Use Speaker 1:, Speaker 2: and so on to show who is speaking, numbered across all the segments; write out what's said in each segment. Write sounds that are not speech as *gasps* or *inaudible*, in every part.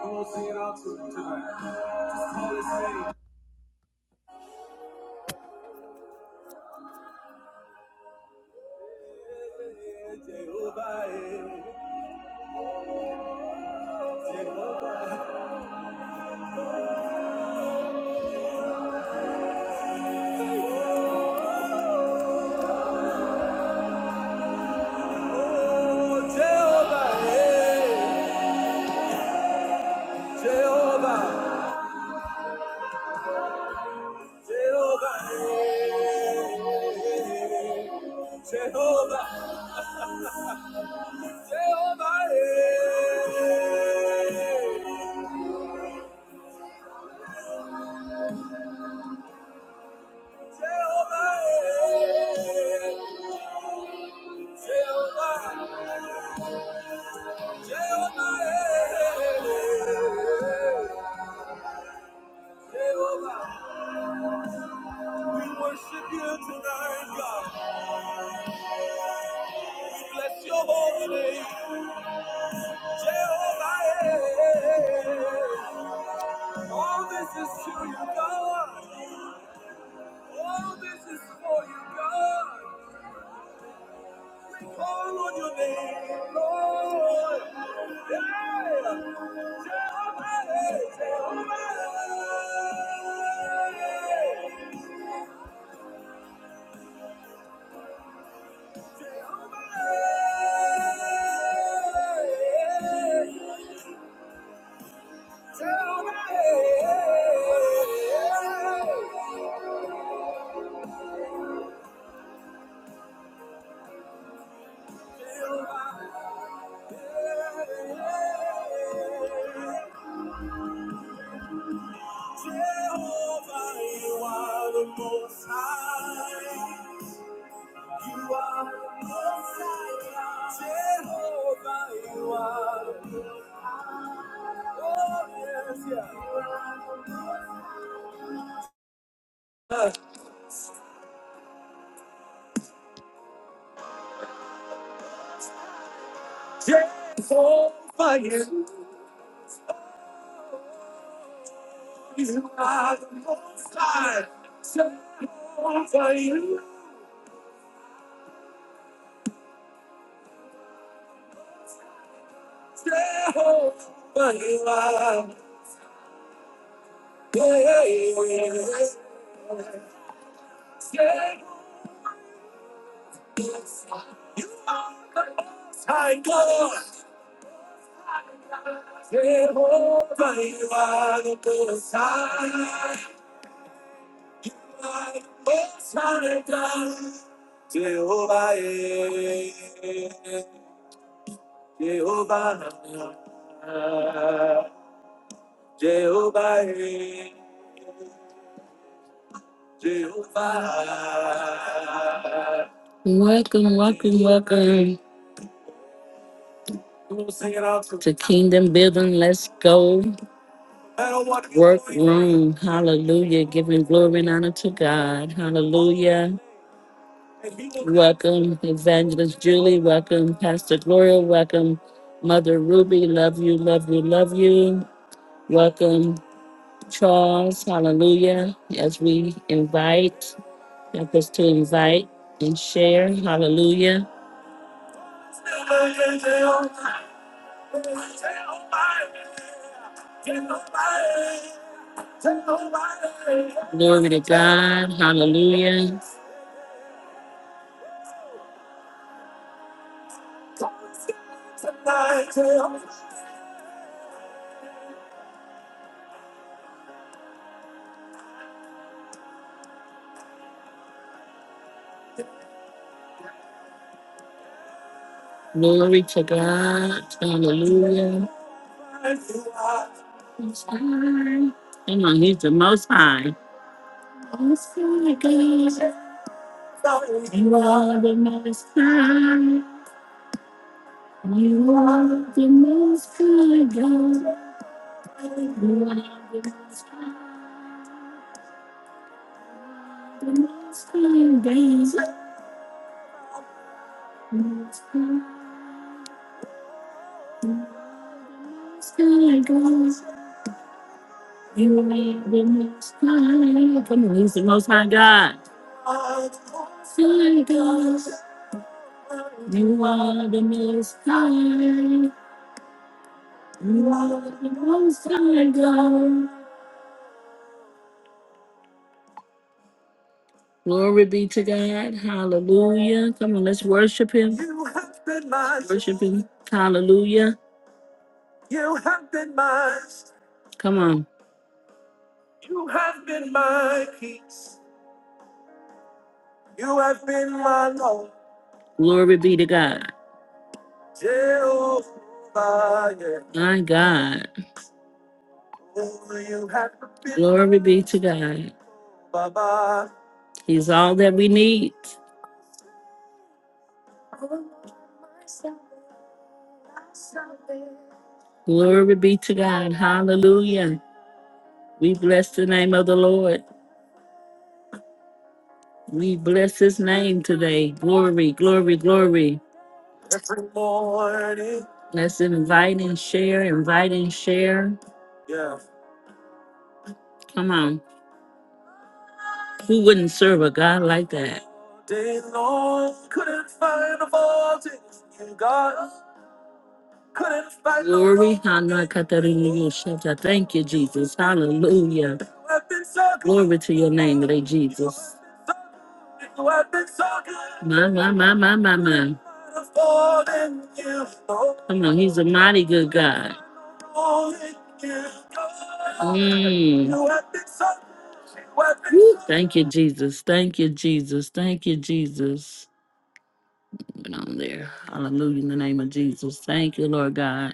Speaker 1: Come on, sing it out to him tonight. Come on, let's Jehovah, eh, Jehovah, oh Jehovah, eh, Jehovah, Jehovah, eh, Jehovah, Jehovah, eh, Jehovah, eh, Jehovah, eh. We worship you tonight, God. We bless your holy name, Jehovah. All this is to you, God. All this is for you, God. Call on your name, Lord. Yeah. Jehovah, Jehovah. Jehovah. Jehovah, you. You are the most high. Jehovah, you, Jehovah, you are. Yeah, yeah, Jehovah, my God. Jehovah, you are the most high. You are the most high God. Jehovah, yeah, Jehovah. Jehovah, Jehovah. Welcome, welcome, welcome to Kingdom Building. Let's go. Work room. Hallelujah. Giving glory and honor to God. Hallelujah. Welcome, Evangelist Julie. Welcome, Pastor Gloria. Welcome, Mother Ruby. Love you, love you, love you. Welcome, Charles. Hallelujah. As we invite. Help us to invite and share. Hallelujah. Glory to God. Hallelujah. Glory to God. Hallelujah. Come on, he's the most high. You are the most high. You are the most high God. You are the most high God. Most high God. You are the most high. Come on, he's the most high God. Most high God. You are the most high. You are the most high God. Glory be to God. Hallelujah. Come on, let's worship him. You have been mine. Worship him. Hallelujah. You have been mine. Come on. You have been my peace. You have been my love. Glory be to God. Jehovah, My God. Oh, you have been. Glory be to God. Baba. He's all that we need. Glory be to God. Hallelujah. We bless the name of the Lord. We bless his name today. Glory, glory, glory. Every morning. Let's invite and share, invite and share. Yeah. Come on. Who wouldn't serve a God like that? Day long couldn't find a fault in God. Glory, Hana Katarina Shata. Thank you, Jesus. Hallelujah. Glory to your name Lord Jesus. My, my, my, my, my, my. Come on, he's a mighty good God. Mm. Woo. Thank you, Jesus. Thank you, Jesus. Thank you, Jesus. Get on there. Hallelujah in the name of Jesus. Thank you, Lord God.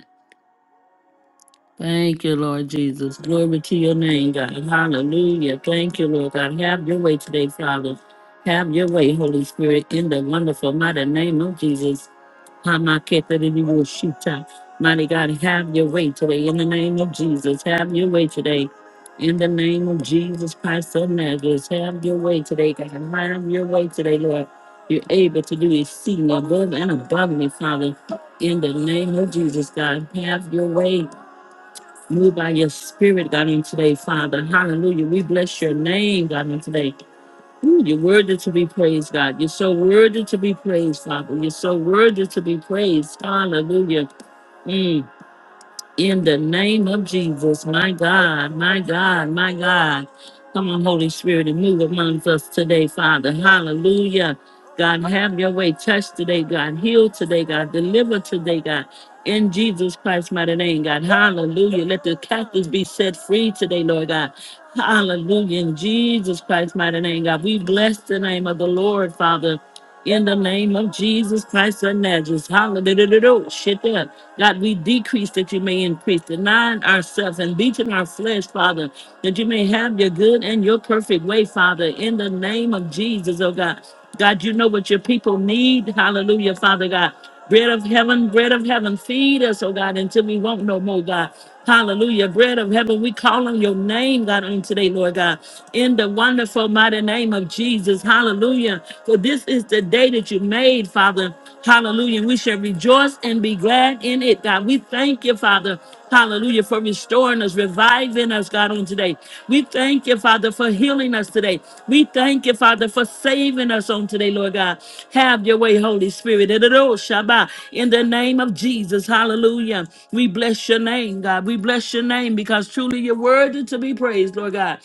Speaker 1: Thank you, Lord Jesus. Glory to your name, God. Hallelujah. Thank you, Lord God. Have your way today, Father. Have your way, Holy Spirit, in the wonderful, mighty name of Jesus. Hamaketeriniwoshita. Mighty God, have your way today in the name of Jesus. Have your way today in the name of Jesus Christ of Nazareth. Have your way today, God. Have your way today, Lord. You're able to do exceeding above and above me, Father. In the name of Jesus, God, have your way. Move by your spirit, God, in today, Father. Hallelujah. We bless your name, God, in today. Ooh, you're worthy to be praised, God. You're so worthy to be praised, Father. You're so worthy to be praised. Hallelujah. Mm. In the name of Jesus, my God, my God, my God. Come on, Holy Spirit, and move amongst us today, Father. Hallelujah. God, have your way. Touch today, God. Heal today, God. Deliver today, God. In Jesus Christ's mighty name, God. Hallelujah. Let the captives be set free today, Lord God. Hallelujah. In Jesus Christ's mighty name, God. We bless the name of the Lord, Father. In the name of Jesus Christ of Nazareth. Hallelujah. Shit, there. God, we decrease that you may increase, denying ourselves and beating our flesh, Father, that you may have your good and your perfect way, Father, in the name of Jesus, oh God. God, you know what your people need. Hallelujah, Father God. Bread of heaven, bread of heaven, feed us, oh God, until we won't no more, God. Hallelujah. Bread of heaven, we call on your name, God, on today, Lord God. In the wonderful, mighty name of Jesus. Hallelujah. For this is the day that you made, Father. Hallelujah. we shall rejoice and be glad in it, God. We thank you, Father. Hallelujah, for restoring us, reviving us, God, on today. We thank you, Father, for healing us today. We thank you, Father, for saving us on today, Lord God. Have your way, Holy Spirit. Shabbat. In the name of Jesus, hallelujah. We bless your name, God. We bless your name because truly you're worthy to be praised, Lord God.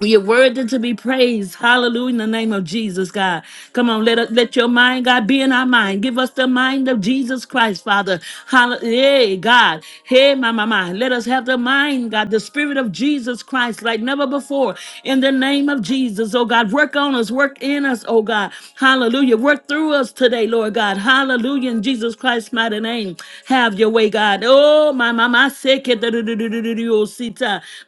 Speaker 1: You're worthy to be praised. Hallelujah. In the name of Jesus, God. Come on, let us, let your mind, God, be in our mind. Give us the mind of Jesus Christ, Father. Hallelujah. Hey, God. Hey, my, my, my. Let us have the mind, God, the spirit of Jesus Christ like never before. In the name of Jesus, oh God. Work on us, work in us, oh God. Hallelujah. Work through us today, Lord God. Hallelujah. In Jesus Christ's mighty name holy name. Have your way, God. Oh, my, my, my, second.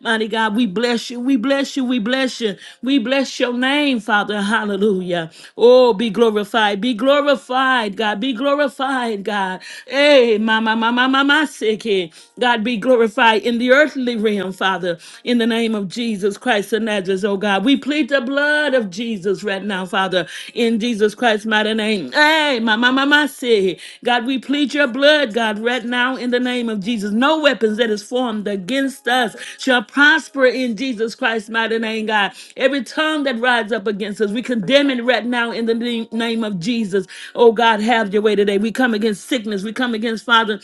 Speaker 1: Mighty God, we bless you. We bless you. We bless you. We bless your name, Father. Hallelujah. Oh, be glorified. Be glorified, God. Be glorified, God. Hey, my, my, my, my, my, my, second. God, be glorified in the earthly realm, Father, in the name of Jesus Christ of Nazareth, oh God. We plead the blood of Jesus right now, Father, in Jesus Christ's mighty name. Hey, my mama, my say, God, we plead your blood, God, right now in the name of Jesus. No weapons that is formed against us shall prosper in Jesus Christ's mighty name, God. Every tongue that rises up against us, we condemn it right now in the name name of Jesus. Oh, God, have your way today. We come against sickness. We come against, Father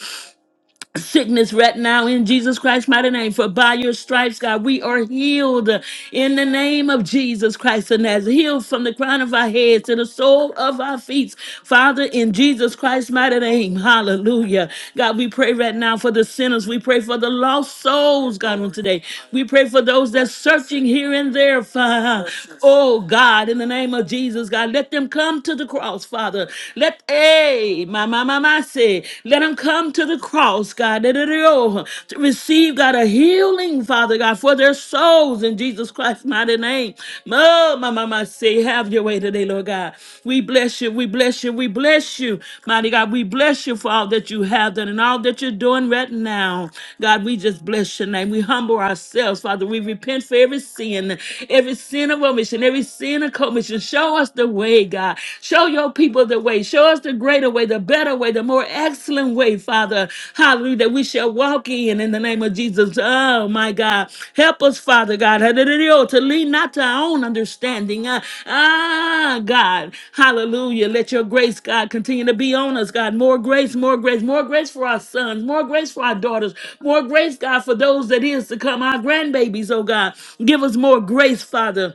Speaker 1: sickness right now in Jesus Christ's mighty name. For by your stripes, God, we are healed in the name of Jesus Christ and as healed from the crown of our heads to the sole of our feet. Father, in Jesus Christ's mighty name, hallelujah. God, we pray right now for the sinners. We pray for the lost souls, God, on today. We pray for those that's searching here and there, Father. Oh, God, in the name of Jesus, God, let them come to the cross, Father. Let, hey, my my my my say, let them come to the cross, God, da, da, da, oh, to receive God a healing, Father God, for their souls in Jesus Christ's mighty name. Oh, my my my say, have your way today, Lord God. We bless you, we bless you, we bless you, mighty God. We bless you for all that you have done and all that you're doing right now. God, we just bless your name. We humble ourselves, Father. We repent for every sin, every sin of omission, every sin of commission. Show us the way, God. God. Show your people the way. Show us the greater way, the better way, the more excellent way, Father. Hallelujah. That we shall walk in in the name of Jesus. Oh, my God. Help us, Father God. Hallelujah. To lean not to our own understanding. Ah, ah, God. Hallelujah. Let your grace, God, continue to be on us, God. More grace, more grace, more grace for our sons, more grace for our daughters, more grace, God, for those that is to come, our grandbabies, oh God. Give us more grace, Father.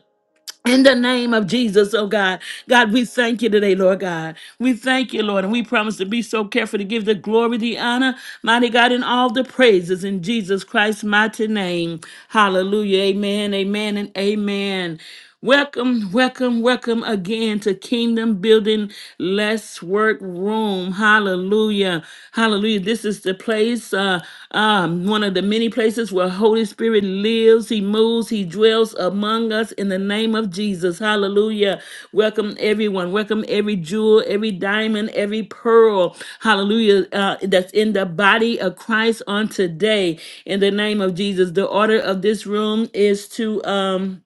Speaker 1: In the name of Jesus, oh God. God, we thank you today, Lord God. We thank you, Lord, and we promise to be so careful to give the glory, the honor, mighty God, and all the praises in Jesus Christ's mighty name. Hallelujah. Amen, amen, and amen. Welcome, welcome, welcome again to Kingdom Building Less Work Room. Hallelujah. Hallelujah. This is the place, uh, um, one of the many places where Holy Spirit lives. He moves. He dwells among us in the name of Jesus. Hallelujah. Welcome everyone. Welcome every jewel, every diamond, every pearl. Hallelujah. Uh, that's in the body of Christ on today. In the name of Jesus. The order of this room is to, um,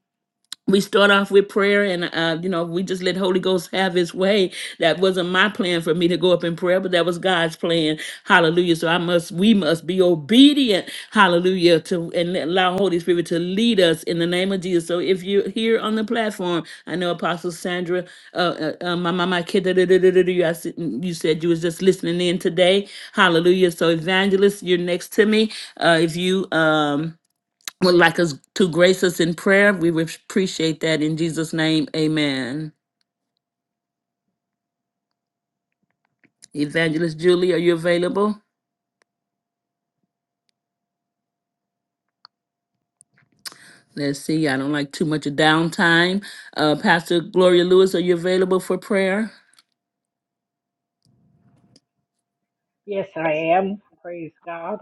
Speaker 1: we start off with prayer and uh, you know we just let holy ghost have his way that wasn't my plan for me to go up in prayer but that was god's plan hallelujah so i must we must be obedient hallelujah to and allow holy spirit to lead us in the name of jesus so if you're here on the platform i know apostle sandra uh, uh, uh my mama kid I s- you said you was just listening in today hallelujah so evangelist you're next to me uh if you um would like us to grace us in prayer. We would appreciate that in Jesus' name. Amen. Evangelist Julie, are you available? Let's see. I don't like too much of downtime. Uh, Pastor Gloria Lewis, are you available for prayer?
Speaker 2: Yes, I am. Praise God.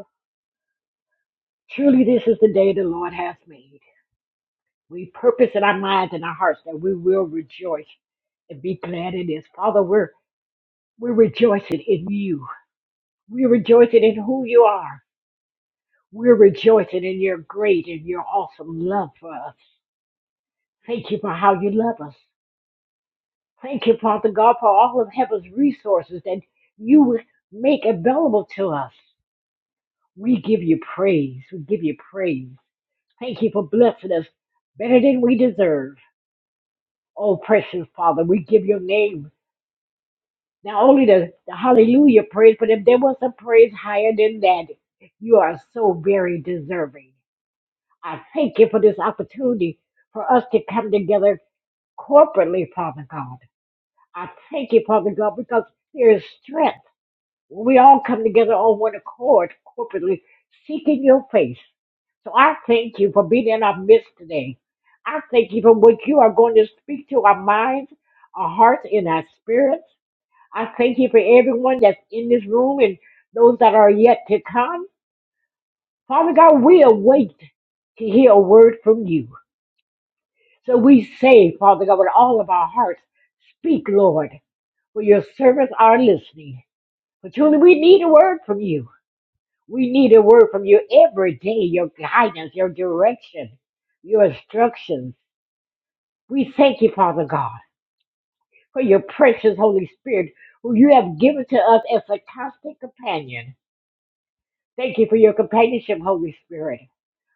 Speaker 2: Truly, this is the day the Lord has made. We purpose in our minds and our hearts that we will rejoice and be glad in this. Father, we're, we're rejoicing in you. We're rejoicing in who you are. We're rejoicing in your great and your awesome love for us. Thank you for how you love us. Thank you, Father God, for all of heaven's resources that you make available to us. We give you praise. We give you praise. Thank you for blessing us better than we deserve. Oh, precious Father, we give your name not only the, the hallelujah praise, but if there was a praise higher than that, you are so very deserving. I thank you for this opportunity for us to come together corporately, Father God. I thank you, Father God, because there is strength. we all come together on one accord corporately, seeking your face. So I thank you for being in our midst today. I thank you for what you are going to speak to our minds, our hearts, and our spirits. I thank you for everyone that's in this room and those that are yet to come. Father God, we await to hear a word from you. So we say, Father God, with all of our hearts, speak, Lord, for your servants are listening. For truly, we need a word from you. We need a word from you every day, your guidance, your direction, your instructions. We thank you, Father God, for your precious Holy Spirit, who you have given to us as a constant companion. Thank you for your companionship, Holy Spirit.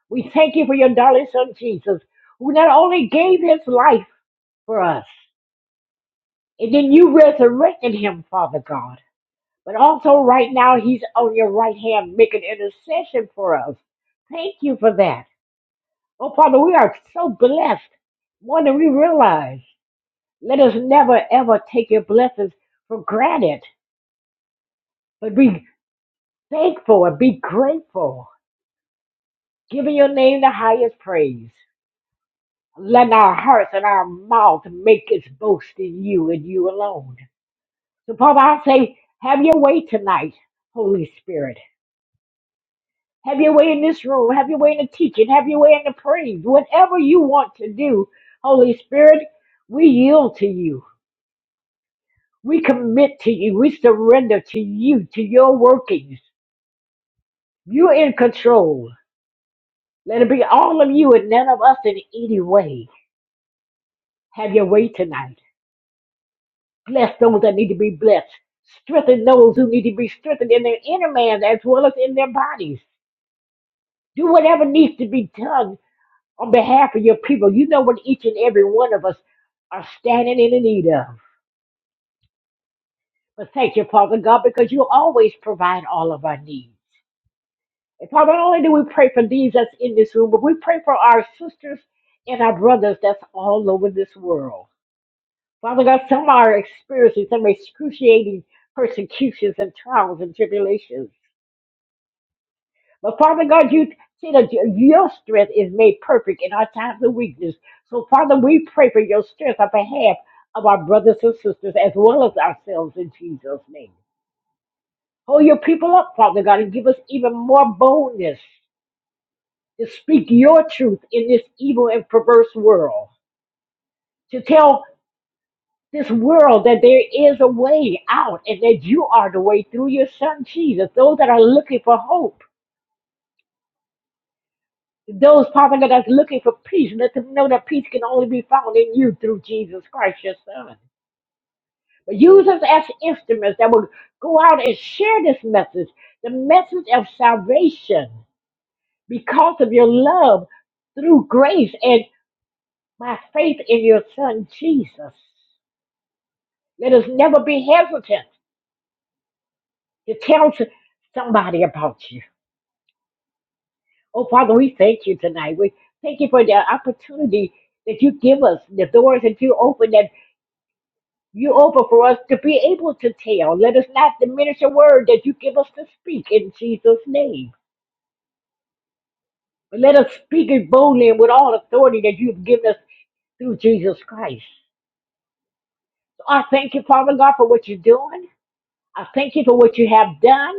Speaker 2: We thank you for your darling Son, Jesus, who not only gave his life for us, and then you resurrected him, Father God, but also right now he's on your right hand making intercession for us. Thank you for that. Oh, Father, we are so blessed more than we realize. Let us never, ever take your blessings for granted, but be thankful and be grateful, giving your name the highest praise. Let our hearts and our mouth make its boast in you and you alone. So, Father, I say, have your way tonight, Holy Spirit. Have your way in this room. Have your way in the teaching. Have your way in the praise. Whatever you want to do, Holy Spirit, we yield to you. We commit to you. We surrender to you, to your workings. You're in control. Let it be all of you and none of us in any way. Have your way tonight. Bless those that need to be blessed. Strengthen those who need to be strengthened in their inner man as well as in their bodies. Do whatever needs to be done on behalf of your people. You know what each and every one of us are standing in the need of. But thank you, Father God, because you always provide all of our needs. Father, not only do we pray for these that's in this room, but we pray for our sisters and our brothers that's all over this world. Father God, some are experiencing some excruciating persecutions and trials and tribulations. But Father God, you say that your your strength is made perfect in our times of weakness. So Father, we pray for your strength on behalf of our brothers and sisters as well as ourselves in Jesus' name. Hold your people up, Father God, and give us even more boldness to speak your truth in this evil and perverse world, to tell this world that there is a way out and that you are the way through your son Jesus. Those that are looking for hope, those, Father God, that's looking for peace, let them know that peace can only be found in you through Jesus Christ, your son. But use us as instruments that will go out and share this message, the message of salvation because of your love through grace and my faith in your son Jesus. Let us never be hesitant to tell somebody about you. Oh, Father, we thank you tonight. We thank you for the opportunity that you give us, the doors that you open, that you open for us to be able to tell. Let us not diminish a word that you give us to speak in Jesus' name. But let us speak it boldly and with all authority that you've given us through Jesus Christ. So I thank you, Father God, for what you're doing. I thank you for what you have done.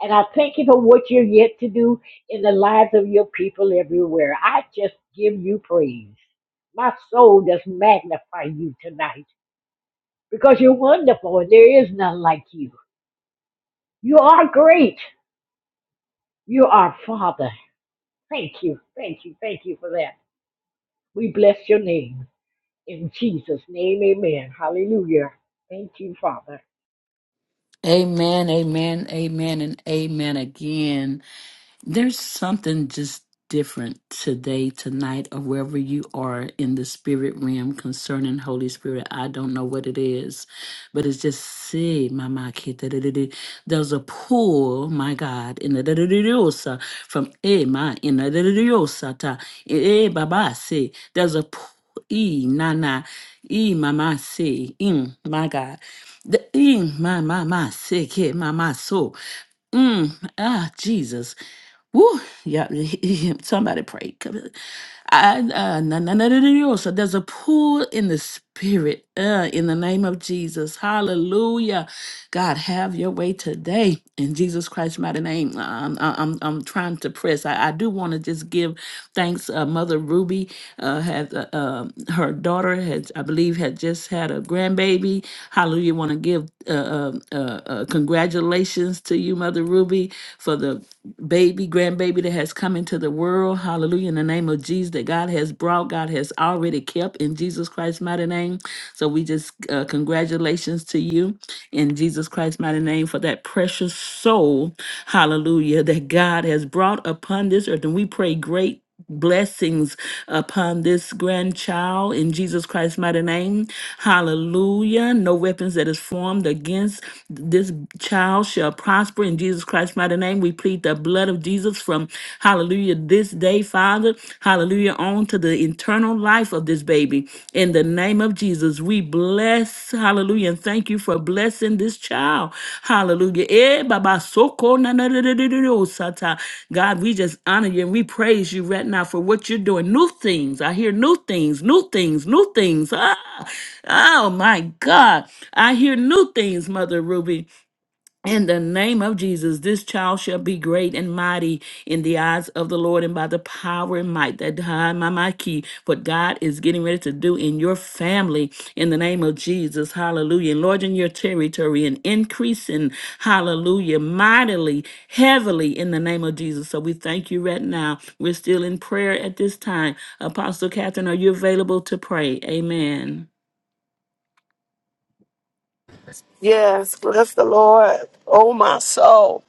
Speaker 2: And I thank you for what you're yet to do in the lives of your people everywhere. I just give you praise. My soul does magnify you tonight because you're wonderful and there is none like you. You are great. You are Father. Thank you. Thank you. Thank you for that. We bless your name. In Jesus' name, amen. Hallelujah. Thank you, Father.
Speaker 1: Amen, amen, amen, and amen again. There's something just different today, tonight, or wherever you are in the spirit realm concerning Holy Spirit. I don't know what it is, but it's just see, my my kid. There's a pull, my God, in the da, da, da, da, from eh my in the da, da, da, ta, eh eh, baba see. There's a pull, e nana, e mama see, mm, my God. The e my my my see, kid, my my soul. Mm, ah, Jesus. Woo, yeah, *laughs* somebody pray. Come on. I, uh, na, na, na, na, na, na. So there's a pull in the spirit uh, in the name of Jesus. Hallelujah. God, have your way today in Jesus Christ's mighty name. I'm, I- I'm, I'm trying to press. I, I do want to just give thanks. Uh, Mother Ruby uh, has uh, um her daughter has, I believe, had just had a grandbaby. Hallelujah. Want to give uh, uh, uh, uh, congratulations to you, Mother Ruby for the baby, grandbaby that has come into the world. Hallelujah. In the name of Jesus, that God has brought, God has already kept in Jesus Christ's mighty name. So we just uh, congratulations to you in Jesus Christ's mighty name for that precious soul. Hallelujah. That God has brought upon this earth. And we pray great blessings upon this grandchild in Jesus Christ's mighty name. Hallelujah. No weapons that is formed against this child shall prosper in Jesus Christ's mighty name. We plead the blood of Jesus from hallelujah this day, Father. Hallelujah. On to the eternal life of this baby. In the name of name of Jesus, we bless, hallelujah, and thank you for blessing this child. Hallelujah. Eh, baba, soko, na, na, na, na, na, na, na, sata. God, we just honor you and we praise you right now for what you're doing. New things. I hear new things, new things, new things. Ah, oh, my God. I hear new things, Mother Ruby. In the name of Jesus, this child shall be great and mighty in the eyes of the Lord and by the power and might that God, My mamaki. What God is getting ready to do in your family in the name of Jesus. Hallelujah. Enlarging your territory and increasing, hallelujah, mightily, heavily in the name of Jesus. So we thank you right now. We're still in prayer at this time. Apostle Catherine, are you available to pray? Amen.
Speaker 3: Yes, bless the Lord, O my soul,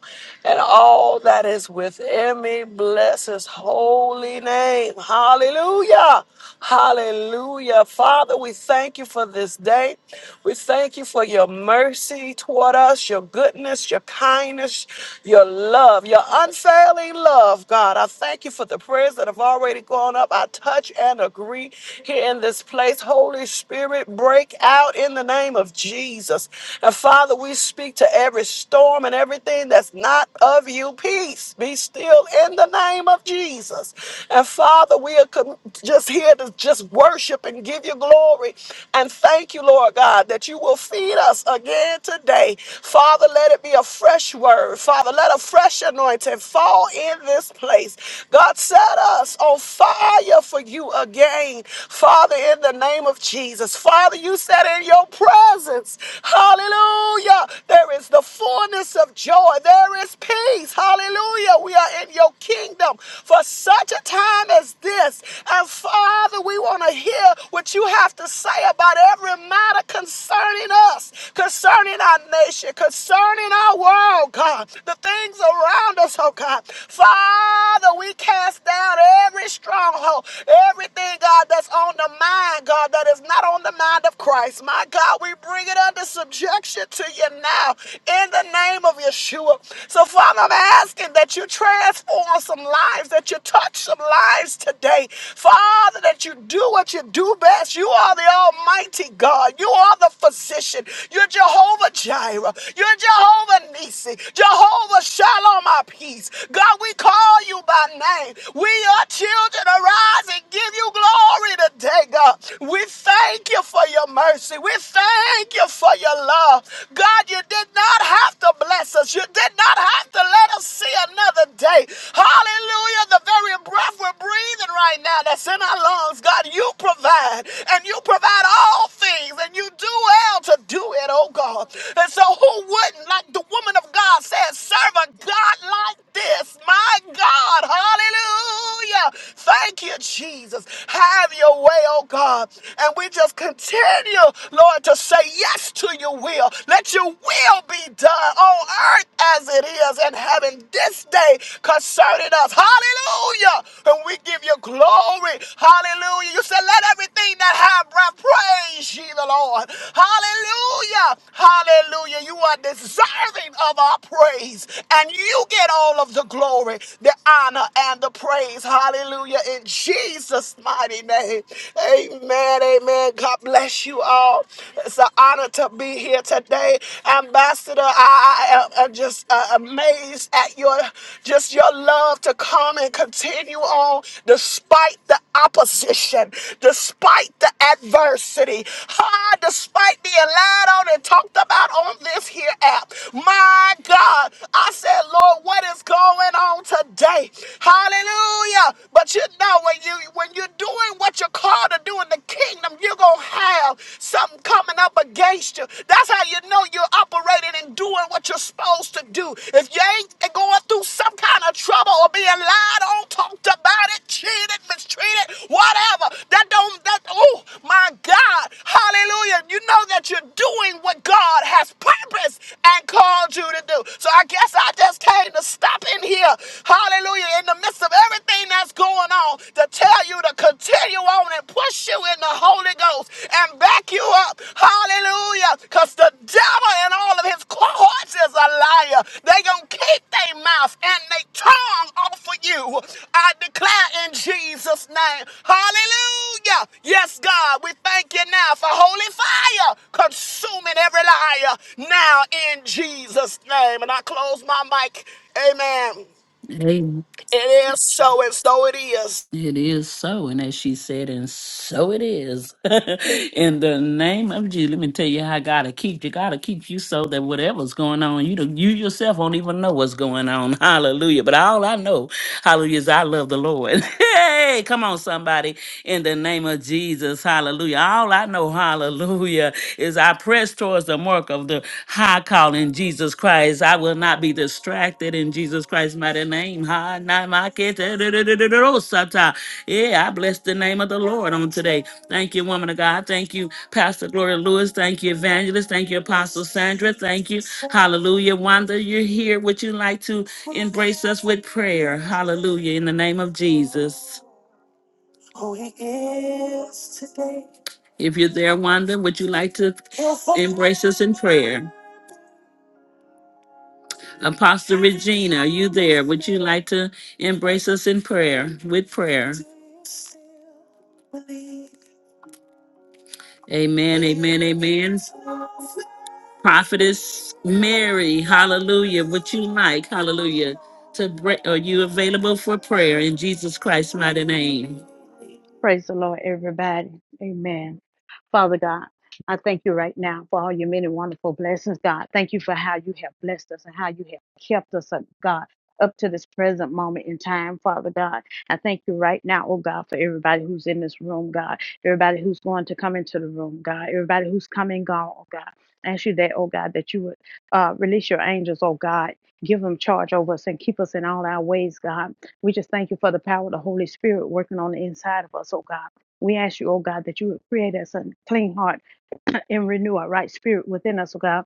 Speaker 3: and all that is within me. Bless his holy name. Hallelujah. Hallelujah. Father, we thank you for this day. We thank you for your mercy toward us, your goodness, your kindness, your love, your unfailing love, God. I thank you for the prayers that have already gone up. I touch and agree here in this place. Holy Spirit, break out in the name of of Jesus. And Father, we speak to every storm and everything that's not of you. Peace be still in the name of Jesus. And Father, we are com- just here to just worship and give you glory. And thank you, Lord God, that you will feed us again today. Father, let it be a fresh word. Father, let a fresh anointing fall in this place. God, set us on fire for you again. Father, in the name of Jesus. Father, you said is That In your presence, hallelujah, there is the fullness of joy, there is peace, hallelujah. We are in your kingdom for such a time as this. And Father, we want to hear what you have to say about every matter concerning us, concerning our nation, concerning our world, God, the things around us, oh God. Father, we cast down every stronghold, everything, God, that's on the mind, God, that is not is not on the mind of Christ. My God, we bring it under subjection to you now in the name of Yeshua. So, Father, I'm asking that you transform some lives, that you touch some lives today. Father, that you do what you do best. You are the Almighty God. You are the physician. You're Jehovah Jireh. You're Jehovah Nisi. Jehovah Shalom, our peace. God, we call you by name. We are children. Arise and give you glory today, my God. We thank you for your mercy. We thank you for your love. God, you did not have to bless us. You did not have to let us see another day. Hallelujah. The very breath we're breathing right now that's in our lungs, God, you provide. And you provide all things. And you do well to do it, oh God. And so who wouldn't, like the woman of God said, serve a God like this? My God. Hallelujah. Thank you, Jesus. Have your way, oh God. And we just continue, Lord, to say yes to your will. Let your will be done on earth as it is in heaven this day concerning us. Hallelujah. And we give you glory. Hallelujah. You said, let everything that have breath praise ye the Lord. Hallelujah. Hallelujah. You are deserving of our praise. And you get all of the glory, the honor, and the praise. Hallelujah. In in Jesus' mighty name. Amen. Amen. God bless you all. It's an honor to be here today, Ambassador. I, I am uh, just uh, amazed at your just your love to come and continue on despite the opposition, despite the adversity, ah, despite being lied on and talked about on this here app. My God, I said, Lord, what is going on today? Hallelujah. Hallelujah. But you know when you when you're doing what you're called to do in the kingdom, you're gonna have something coming up against you. That's how you know you're operating and doing what you're supposed to do. If you ain't going through some kind of trouble or being lied on, talked about it, cheated, mistreated, whatever, that don't that oh my God, hallelujah. You know that you're doing what God has purpose and called you to do. So I guess I just came to stop in here. Hallelujah you in the midst of everything that's going on to tell you to continue on and push you in the Holy Ghost and back you up. Hallelujah. Because the devil and all of his cohorts is a liar. They going to keep their mouth and their tongue off of you. I declare in Jesus' name. Hallelujah. Yes, God, we thank you now for holy fire consuming every liar now in Jesus' name. And I close my mic. Amen. It is so, and so it is.
Speaker 1: It is so. And as she said, and so it is. *laughs* In the name of Jesus, let me tell you how God will keep you. God will keep you so that whatever's going on, you don't- you yourself won't even know what's going on. *laughs* Hallelujah. But all I know, hallelujah, is I love the Lord. *laughs* hey, come on, somebody in the name of Jesus. Hallelujah. All I know, hallelujah, is I press towards the mark of the high call in Jesus Christ. I will not be distracted in Jesus Christ's mighty name. Ha, na, ma, ke, te, de, de, de, de, de, ro, sa, ta. Yeah, I bless the name of the Lord on today. Thank you, woman of God. Thank you, Pastor Gloria Lewis. Thank you, Evangelist. Thank you, Apostle Sandra. Thank you. Hallelujah. Wanda, you're here. Would you like to embrace us with prayer? Hallelujah. In the name of Jesus who he is today. If you're there, Wanda, would you like to embrace us in prayer? Apostle Regina, are you there? Would you like to embrace us in prayer with prayer? Amen, amen, amen. Prophetess Mary, hallelujah. Would you like, hallelujah, to break? Are you available for prayer in Jesus Christ's mighty name?
Speaker 4: Praise the Lord, everybody. Amen. Father God, I thank you right now for all your many wonderful blessings, God. Thank you for how you have blessed us and how you have kept us, uh, God. Up to this present moment in time, Father God. I thank you right now, oh God, for everybody who's in this room, God. Everybody who's going to come into the room, God. Everybody who's coming, gone, oh God. I ask you that, oh God, that you would uh, release your angels, oh God. Give them charge over us and keep us in all our ways, God. We just thank you for the power of the Holy Spirit working on the inside of us, oh God. We ask you, oh God, that you would create us a clean heart *clears throat* and renew our right spirit within us, oh God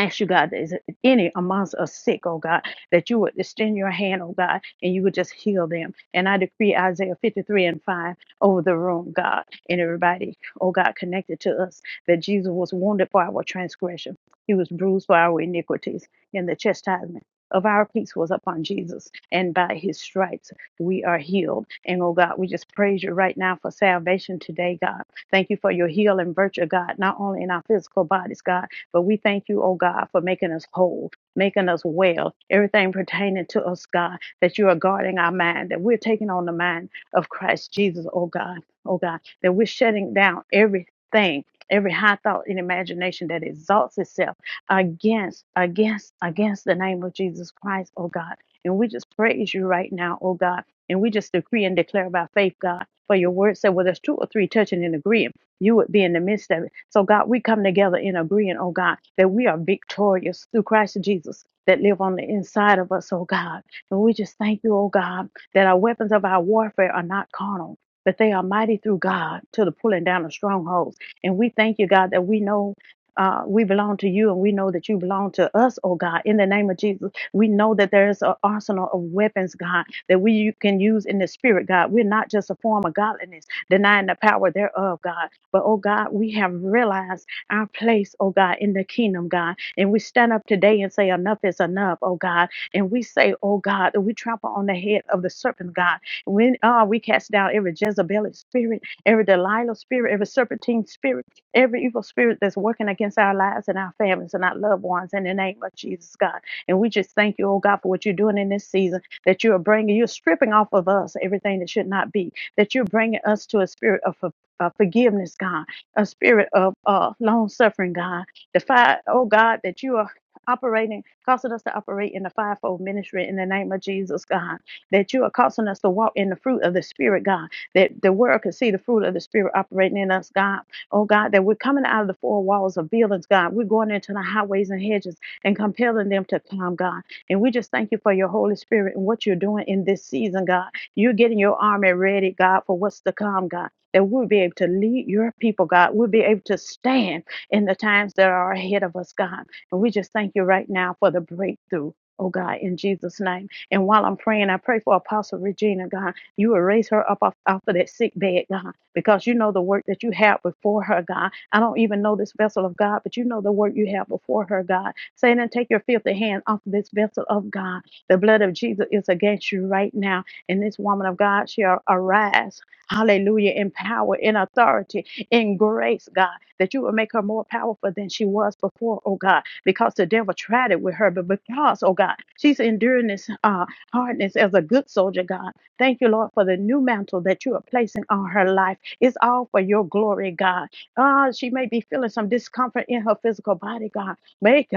Speaker 4: ask you, God, that is any amongst us sick, oh God, that you would extend your hand, oh God, and you would just heal them. And I decree Isaiah 53 and 5 over the room, God, and everybody, oh God, connected to us, that Jesus was wounded for our transgression. He was bruised for our iniquities, and the chastisement of our peace was upon Jesus, and by his stripes we are healed. And oh God, we just praise you right now for salvation today, God. Thank you for your healing virtue, God, not only in our physical bodies, God, but we thank you, oh God, for making us whole, making us well, everything pertaining to us, God, that you are guarding our mind, that we're taking on the mind of Christ Jesus, oh God, oh God, that we're shutting down everything, every high thought and imagination that exalts itself against, against, against the name of Jesus Christ, oh God. And we just praise you right now, oh God. And we just decree and declare by faith, God, for your word said, well, there's two or three touching and agreeing you would be in the midst of it. So, God, we come together in agreeing, oh God, that we are victorious through Christ Jesus that live on the inside of us, oh God. And we just thank you, oh God, that our weapons of our warfare are not carnal, but they are mighty through God to the pulling down of strongholds. And we thank you, God, that we know. Uh, we belong to you and we know that you belong to us, oh God. In the name of Jesus, we know that there is an arsenal of weapons, God, that we can use in the spirit, God. We're not just a form of godliness, denying the power thereof, God. But, oh God, we have realized our place, oh God, in the kingdom, God. And we stand up today and say, enough is enough, oh God. And we say, oh God, that we trample on the head of the serpent, God. When uh, we cast down every Jezebelic spirit, every Delilah spirit, every serpentine spirit, every evil spirit that's working against our lives and our families and our loved ones in the name of Jesus, God. And we just thank you, oh God, for what you're doing in this season, that you are bringing, you're stripping off of us everything that should not be that you're bringing us to a spirit of for- uh, forgiveness, God, a spirit of uh, long suffering, God. The fire, oh God, that you are operating, causing us to operate in the fivefold ministry in the name of Jesus, God. That you are causing us to walk in the fruit of the Spirit, God. That the world can see the fruit of the Spirit operating in us, God. Oh God, that we're coming out of the four walls of buildings, God. We're going into the highways and hedges and compelling them to come, God. And we just thank you for your Holy Spirit and what you're doing in this season, God. You're getting your army ready, God, for what's to come, God. That we'll be able to lead your people, God. We'll be able to stand in the times that are ahead of us, God. And we just thank you right now for the breakthrough. Oh God, in Jesus' name. And while I'm praying, I pray for Apostle Regina, God. You will raise her up off, off of that sick bed, God, because you know the work that you have before her, God. I don't even know this vessel of God, but you know the work you have before her, God. Satan, take your filthy hand off of this vessel of God. The blood of Jesus is against you right now and this woman of God shall arise, hallelujah, in power, in authority, in grace, God, that you will make her more powerful than she was before, oh God, because the devil tried it with her. But because, oh God, she's enduring this uh, hardness as a good soldier, God. Thank you, Lord, for the new mantle that you are placing on her life. It's all for your glory, God. Ah, she may be feeling some discomfort in her physical body, God. Make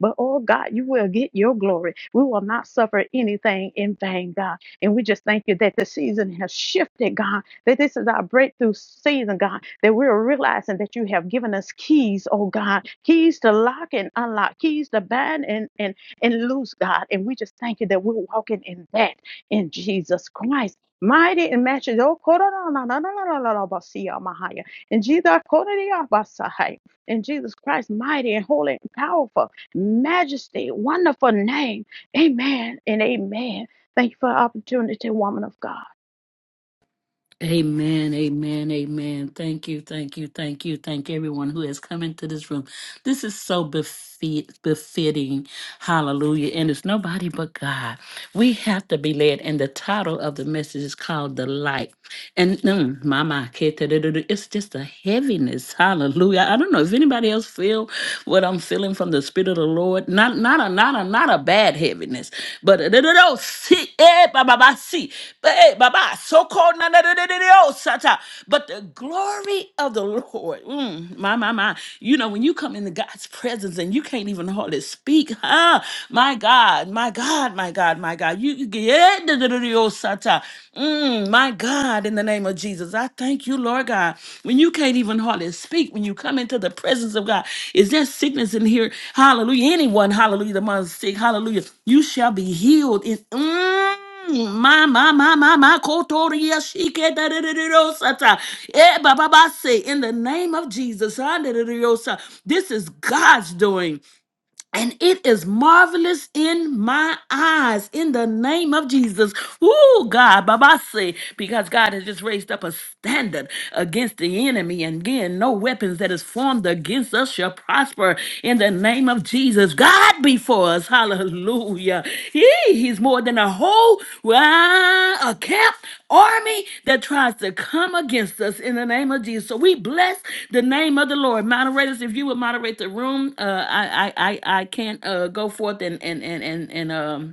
Speaker 4: but oh God, you will get your glory. We will not suffer anything in vain, God. And we just thank you that the season has shifted, God, that this is our breakthrough season, God, that we're realizing that you have given us keys, oh God, keys to lock and unlock, keys to bind and, and, and loose, God. And we just thank you that we're walking in that in Jesus Christ. Mighty and matches, oh, in Jesus, in Jesus Christ, mighty and holy and powerful majesty, wonderful name. Amen and amen. Thank you for the opportunity, woman of God.
Speaker 1: Amen, amen, amen. Thank you, thank you, thank you, thank everyone who has come into this room. This is so befit, befitting. Hallelujah. And it's nobody but God. We have to be led. And the title of the message is called The Light. And mm, mama, it's just a heaviness. Hallelujah. I don't know if anybody else feel what I'm feeling from the Spirit of the of the Lord. Not not a not a not a bad heaviness, but a little see eh baba ba, see but eh baba so called na na na na na na, sata. But the glory of the Lord, mm, my my my. You know when you come into God's presence and you can't even hardly speak, huh? My God, my God, my God, my God. You you get eh, na na na na, oh, sata. Mm, my God. God, in the name of Jesus, I thank you, Lord God. When you can't even hardly speak, when you come into the presence of God, is there sickness in here? Hallelujah. Anyone, hallelujah, the month sick, hallelujah. You shall be healed in. Mm. My, my, my, my, my, kotoria shike da da da da do sata. Eh, ba, ba, ba, say, in the name of Jesus, ah, da, da, da, do, sa. this is God's doing and it is marvelous in my eyes in the name of Jesus. Ooh, God, Baba say, because God has just raised up a standard against the enemy. And again, no weapons that is formed against us shall prosper in the name of Jesus. God before us. Hallelujah. Yee, he's more than a whole, uh, a camp army that tries to come against us in the name of Jesus. So we bless the name of the Lord. Moderators, if you would moderate the room, uh, I, I I I can't uh, go forth and and and and and um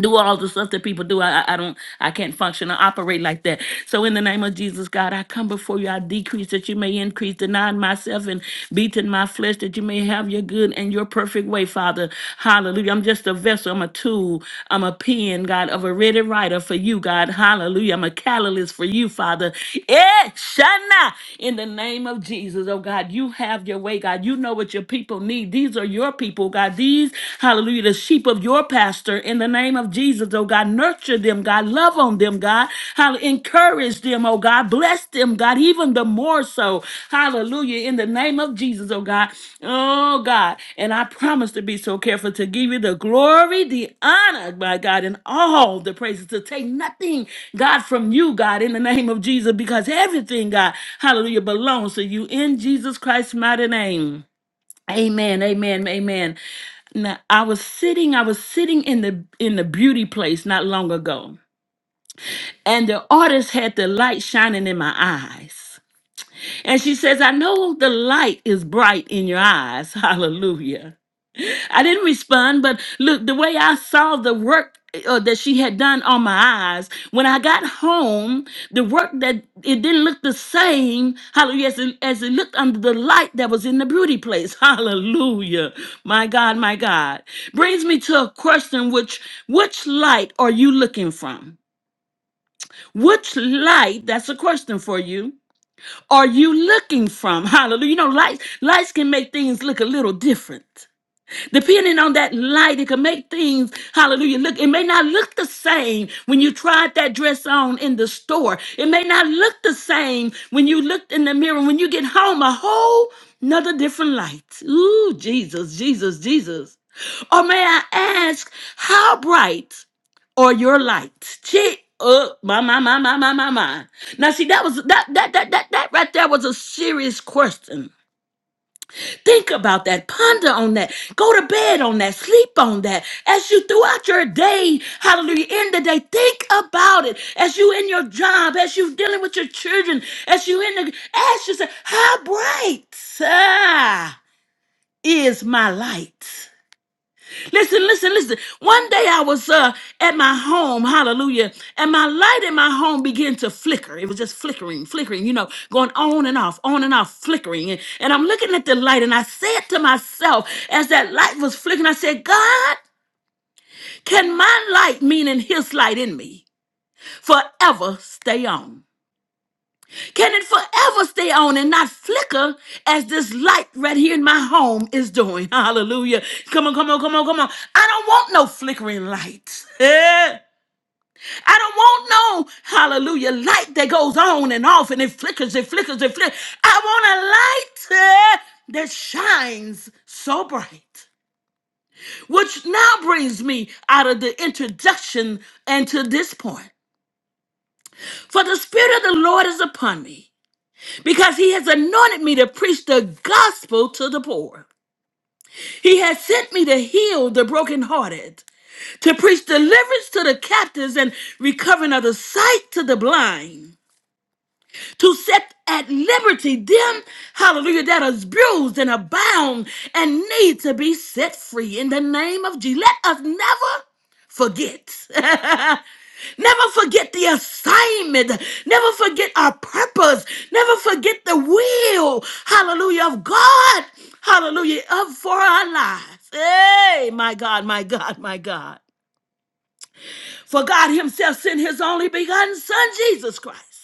Speaker 1: do all the stuff that people do. I, I I don't, I can't function or operate like that. So in the name of Jesus, God, I come before you. I decrease that you may increase, denying myself and beating my flesh that you may have your good and your perfect way, Father. Hallelujah. I'm just a vessel. I'm a tool. I'm a pen, God, of a ready writer for you, God. Hallelujah. I'm a catalyst for you, Father. Eh, Shana. In the name of Jesus, oh God, you have your way, God. You know what your people need. These are your people, God. These Hallelujah. The sheep of your pastor in the name of Jesus, oh God. Nurture them, God. Love on them, God. Hallelujah. Encourage them, oh God. Bless them, God, even the more so. Hallelujah. In the name of Jesus, oh God. Oh God. And I promise to be so careful to give you the glory, the honor, my God, and all the praises to take nothing, God, from you, God, in the name of Jesus, because everything, God, hallelujah, belongs to you in Jesus Christ's mighty name. Amen. Amen. Amen. Now, I was sitting, I was sitting in the in the beauty place not long ago, and the artist had the light shining in my eyes. And she says, I know the light is bright in your eyes. *laughs* Hallelujah. I didn't respond, but look, the way I saw the work uh, that she had done on my eyes, when I got home, the work that it didn't look the same, hallelujah, as it, as it looked under the light that was in the beauty place. *laughs* Hallelujah. My God, my God. Brings me to a question which which light are you looking from? Which light, that's a question for you, are you looking from? Hallelujah. You know, lights lights can make things look a little different. Depending on that light, it can make things, hallelujah, look, it may not look the same when you tried that dress on in the store. It may not look the same when you looked in the mirror. When you get home, a whole another different light. Ooh, Jesus, Jesus, Jesus. Or may I ask, how bright or your light. Chick. Oh my my my my my my my. Now see that was that that that that that right there was a serious question. Think about that. Ponder on that. Go to bed on that. Sleep on that. As you throughout your day, hallelujah, in the day, think about it. As you in your job, as you dealing with your children, as you in the, ask yourself, how bright ah, is my light? Listen, listen, listen. One day I was uh, at my home, hallelujah, and my light in my home began to flicker. It was just flickering, flickering, you know, going on and off, on and off, flickering. And, and I'm looking at the light, and I said to myself, as that light was flickering, I said, God, can my light, meaning his light in me, forever stay on? Can it forever stay on and not flicker as this light right here in my home is doing? *laughs* Hallelujah. Come on, come on, come on, come on. I don't want no flickering lights. *laughs* Eh. I don't want no, hallelujah, light that goes on and off and it flickers, it flickers, it flickers. I want a light eh, that shines so bright. Which now brings me out of the introduction and to this point. For the Spirit of the Lord is upon me because he has anointed me to preach the gospel to the poor. He has sent me to heal the brokenhearted, to preach deliverance to the captives and recovering of the sight to the blind, to set at liberty them, hallelujah, that is bruised and are bound and need to be set free in the name of Jesus. Let us never forget. *laughs* Never forget the assignment. Never forget our purpose. Never forget the will, hallelujah, of God, hallelujah, of for our lives. Hey, my God, my God, my God. For God Himself sent His only begotten Son, Jesus Christ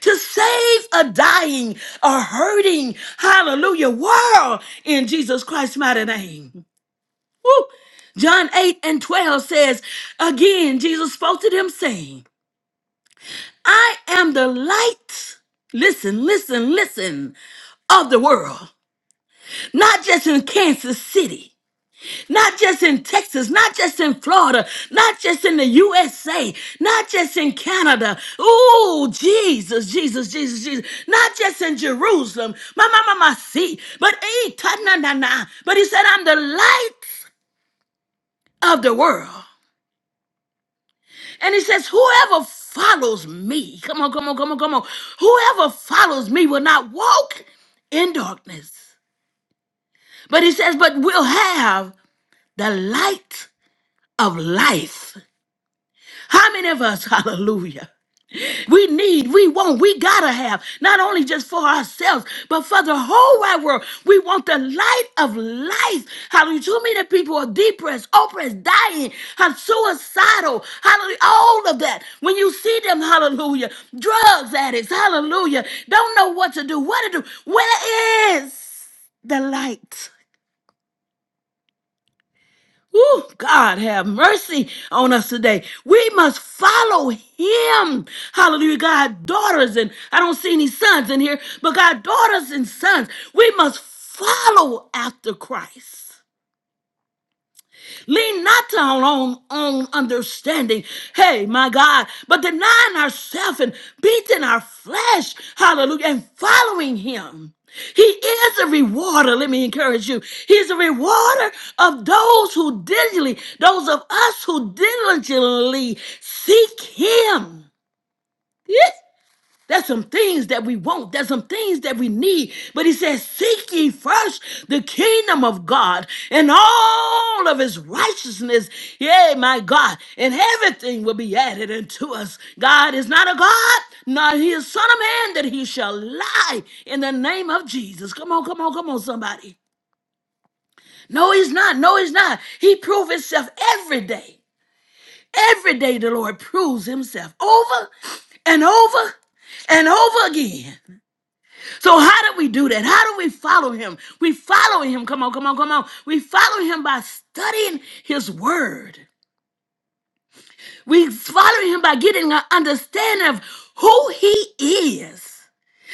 Speaker 1: to save a dying, a hurting, hallelujah, world in Jesus Christ's mighty name. Woo. John 8 and 12 says, again, Jesus spoke to them, saying, I am the light. Listen, listen, listen of the world, not just in Kansas City. Not just in Texas, not just in Florida, not just in the USA, not just in Canada. Ooh, Jesus, Jesus, Jesus, Jesus. Not just in Jerusalem. My, my, my, my, see. But, eh, ta- na, na, na. but he said, I'm the light of the world. And he says, Whoever follows me, come on, come on, come on, come on. Whoever follows me will not walk in darkness. But he says, But we'll have the light of life. How many of us, *laughs* hallelujah, we need, we want, we gotta have, not only just for ourselves, but for the whole wide world. We want the light of life. Hallelujah. Too many people are depressed, oppressed, dying, are suicidal. Hallelujah. All of that. When you see them, hallelujah, drugs addicts, hallelujah, don't know what to do, what to do. Where is the light? Ooh, God have mercy on us today. We must follow him. Hallelujah. God, daughters, and I don't see any sons in here, but God, daughters and sons, we must follow after Christ. Lean not to our own, own understanding. Hey, my God, but denying ourselves and beating our flesh, hallelujah, and following Him. He is a rewarder. Let me encourage you. He's a rewarder of those who diligently, those of us who diligently seek Him. Yeah. There's some things that we want. There's some things that we need. But he says, Seek ye first the kingdom of God and all of his righteousness. Yea, my God. And everything will be added unto us. God is not a God, nor he is son of man that he shall lie in the name of Jesus. Come on, come on, come on, somebody. No, he's not. No, he's not. He proves himself every day. Every day the Lord proves himself over and over and over again. So how do we do that? How do we follow him? We follow him. Come on, come on, come on. We follow him by studying his word. We follow him by getting an understanding of who he is.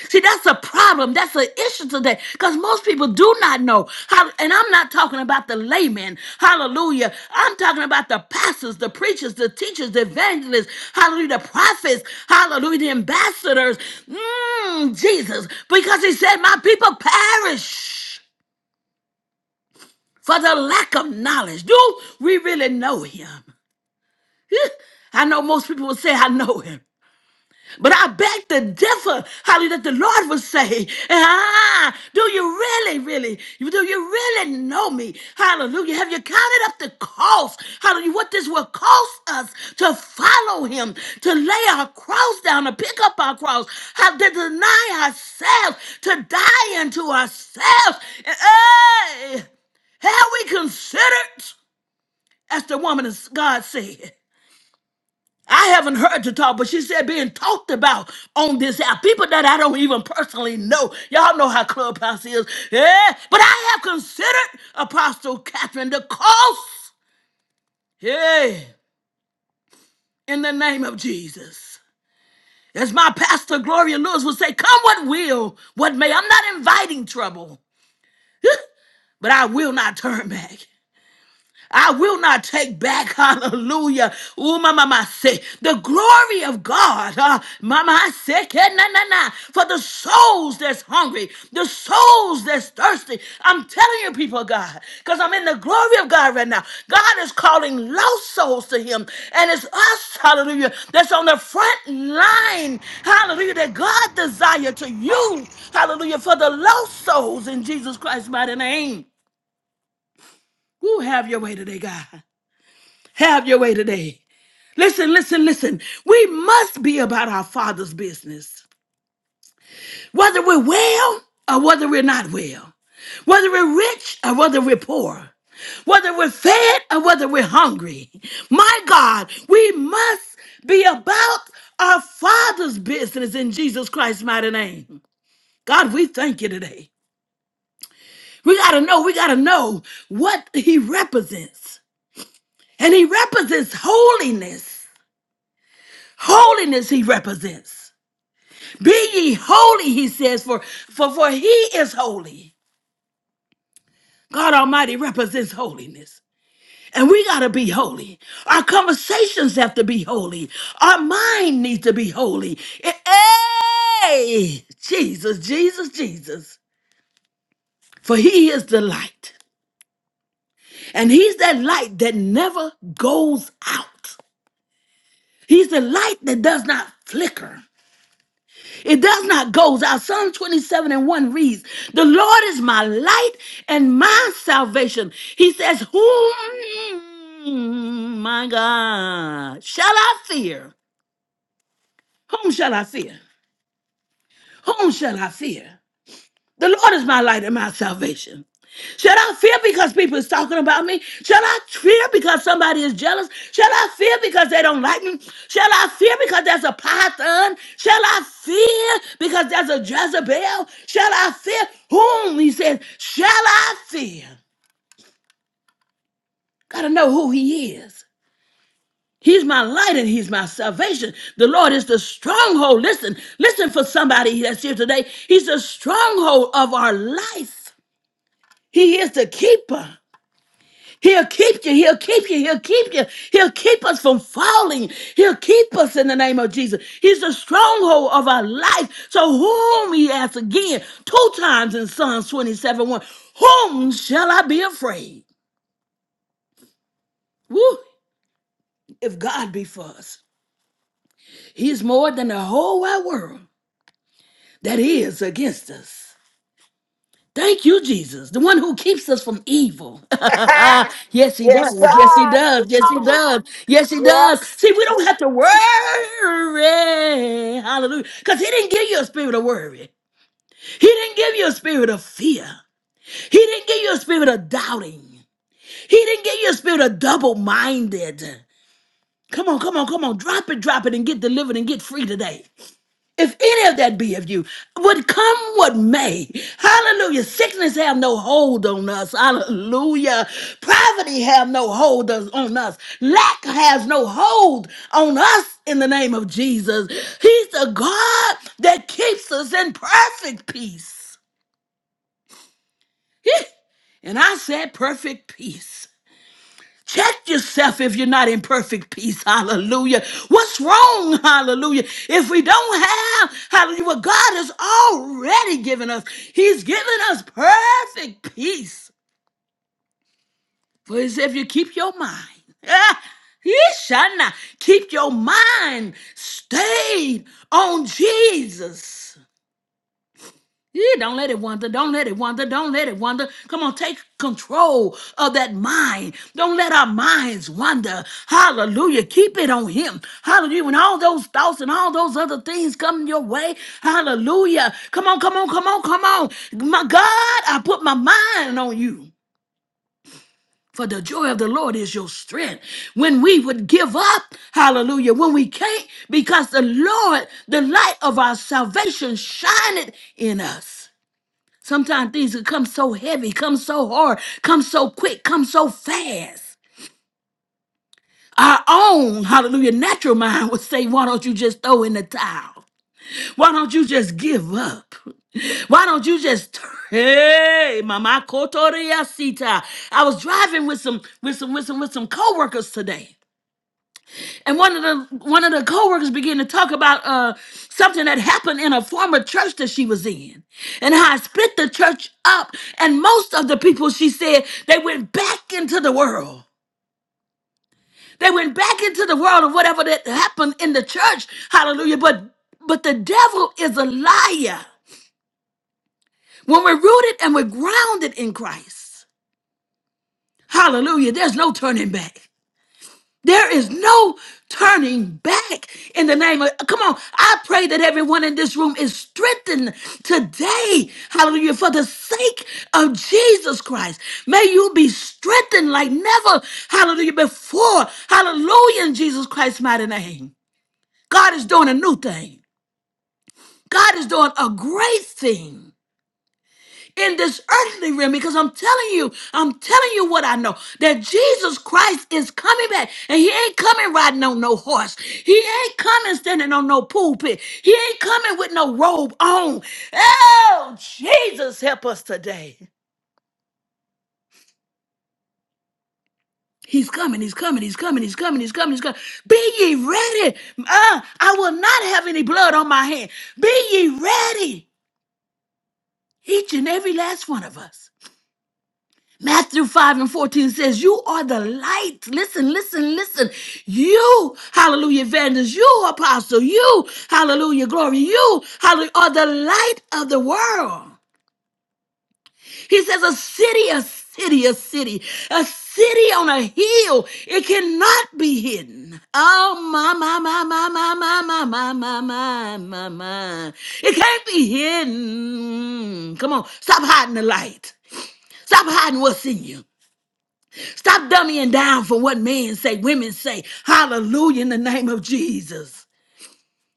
Speaker 1: See, that's a problem. That's an issue today because most people do not know how. And I'm not talking about the laymen. Hallelujah. I'm talking about the pastors, the preachers, the teachers, the evangelists. Hallelujah. The prophets. Hallelujah. The ambassadors. Mm, Jesus. Because he said, My people perish for the lack of knowledge. Do we really know him? *laughs* I know most people will say, I know him. But I beg to differ, Holly, that the Lord would say, ah, do you really, really, you- do you really know me? Hallelujah. Have you counted up the cost? Hallelujah. What this will cost us to follow him, to lay our cross down, to pick up our cross, how to deny ourselves, to die unto ourselves. Hey, have we considered, as the woman of God said? I haven't heard you talk, but she said being talked about on this app. People that I don't even personally know. Y'all know how Clubhouse is. Yeah. But I have considered Apostle Catherine the cause. Yeah. In the name of Jesus. As my pastor Gloria Lewis would say, come what will, what may. I'm not inviting trouble, *laughs* but I will not turn back. I will not take back, *laughs* hallelujah. Ooh, mama, mama, say, the glory of God, uh, mama, I say, ke- na, na, na, for the souls that's hungry, the souls that's thirsty. I'm telling you, people, of God, because I'm in the glory of God right now. God is calling lost souls to Him, and it's us, hallelujah, that's on the front line, hallelujah, that God desire to use, hallelujah, for the lost souls in Jesus Christ's mighty name. Who have your way today, God? Have your way today. Listen, listen, listen. We must be about our Father's business. Whether we're well or whether we're not well, whether we're rich or whether we're poor, whether we're fed or whether we're hungry. My God, we must be about our Father's business in Jesus Christ's mighty name. God, we thank you today. We got to know, we got to know what He represents. And He represents holiness. Holiness He represents. Be ye holy, he says, for, for, for he is holy. God Almighty represents holiness. And we got to be holy. Our conversations have to be holy. Our mind needs to be holy. Eh, Hey, Jesus, Jesus, Jesus. For he is the light. And he's that light that never goes out. He's the light that does not flicker. It does not go. out. Psalm 27 and 1 reads, The Lord is my light and my salvation. He says, Whom my God shall I fear? Whom shall I fear? Whom shall I fear? The Lord is my light and my salvation. Should I fear because people is talking about me? Should I fear because somebody is jealous? Should I fear because they don't like me? Shall I fear because there's a python? Shall I fear because there's a Jezebel? Shall I fear whom? He says, shall I fear? Gotta know who he is. He's my light and he's my salvation. The Lord is the stronghold. Listen, listen for somebody that's here today. He's the stronghold of our life. He is the keeper. He'll keep you. He'll keep you. He'll keep you. He'll keep us from falling. He'll keep us in the name of Jesus. He's the stronghold of our life. So whom he asks again, two times in Psalms 27, 1, whom shall I be afraid? Woo! If God be for us, he's more than the whole wide world that is against us. Thank you, Jesus, the one who keeps us from evil. *laughs* yes,
Speaker 3: *laughs*
Speaker 1: he
Speaker 3: yes,
Speaker 1: does. Yes, he
Speaker 3: God.
Speaker 1: does. Yes, he does. Yes, he does.
Speaker 3: Yes.
Speaker 1: See, we don't have to worry. Hallelujah. Because he didn't give you a spirit of worry, he didn't give you a spirit of fear, he didn't give you a spirit of doubting, he didn't give you a spirit of double minded. Come on, come on, come on. Drop it, drop it, and get delivered and get free today. If any of that be of you, would come what may. Hallelujah. Sickness have no hold on us. Hallelujah. Poverty have no hold us- on us. Lack has no hold on us in the name of Jesus. He's the God that keeps us in perfect peace. *laughs* And I said perfect peace. Check yourself if you're not in perfect peace. Hallelujah. What's wrong? Hallelujah. If we don't have, hallelujah, what God has already given us, He's given us perfect peace. For it's if you keep your mind, *laughs* eh, ye shall not keep your mind stayed on Jesus. Yeah, don't let it wander. Don't let it wander. Don't let it wander. Come on, take control of that mind. Don't let our minds wander. Hallelujah. Keep it on Him. Hallelujah. When all those thoughts and all those other things come your way, hallelujah. Come on, come on, come on, come on. My God, I put my mind on you. For the joy of the Lord is your strength. When we would give up, hallelujah, when we can't, because the Lord, the light of our salvation, shineth in us. Sometimes things can come so heavy, come so hard, come so quick, come so fast. Our own, hallelujah, natural mind would say, Why don't you just throw in the towel? Why don't you just give up? Why don't you just turn? Hey, mama kotoriasita. I was driving with some with some with some with some coworkers today. and one of the one of the coworkers began to talk about uh something that happened in a former church that she was in and how I split the church up and most of the people she said they went back into the world they went back into the world of whatever that happened in the church hallelujah but but the devil is a liar when we're rooted and we're grounded in Christ hallelujah there's no turning back There is no turning back in the name of, come on. I pray that everyone in this room is strengthened today. Hallelujah. For the sake of Jesus Christ. May you be strengthened like never. Hallelujah. Before. Hallelujah. In Jesus Christ's mighty name. God is doing a new thing. God is doing a great thing in this earthly realm because I'm telling you, I'm telling you what I know that Jesus Christ is coming back and he ain't coming riding on no horse. He ain't coming standing on no pulpit. He ain't coming with no robe on. Oh, Jesus, help us today. He's coming, he's coming, he's coming, he's coming, he's coming, he's coming. Be ye ready. Uh, I will not have any blood on my hand. Be ye ready, each and every last one of us. Matthew 5 and 14 says, You are the light. Listen, listen, listen. You, hallelujah, evangelist, you, apostle, you, hallelujah, glory, you, hallelujah, are the light of the world. He says, A city, a city, a city, a city on a hill, it cannot be hidden. Oh, my, my, my, my, my, my, my, my, my, my, my, my. It can't be hidden. Come on, stop hiding the light. Stop hiding what's in you. Stop dummying down for what men say, women say. Hallelujah in the name of Jesus.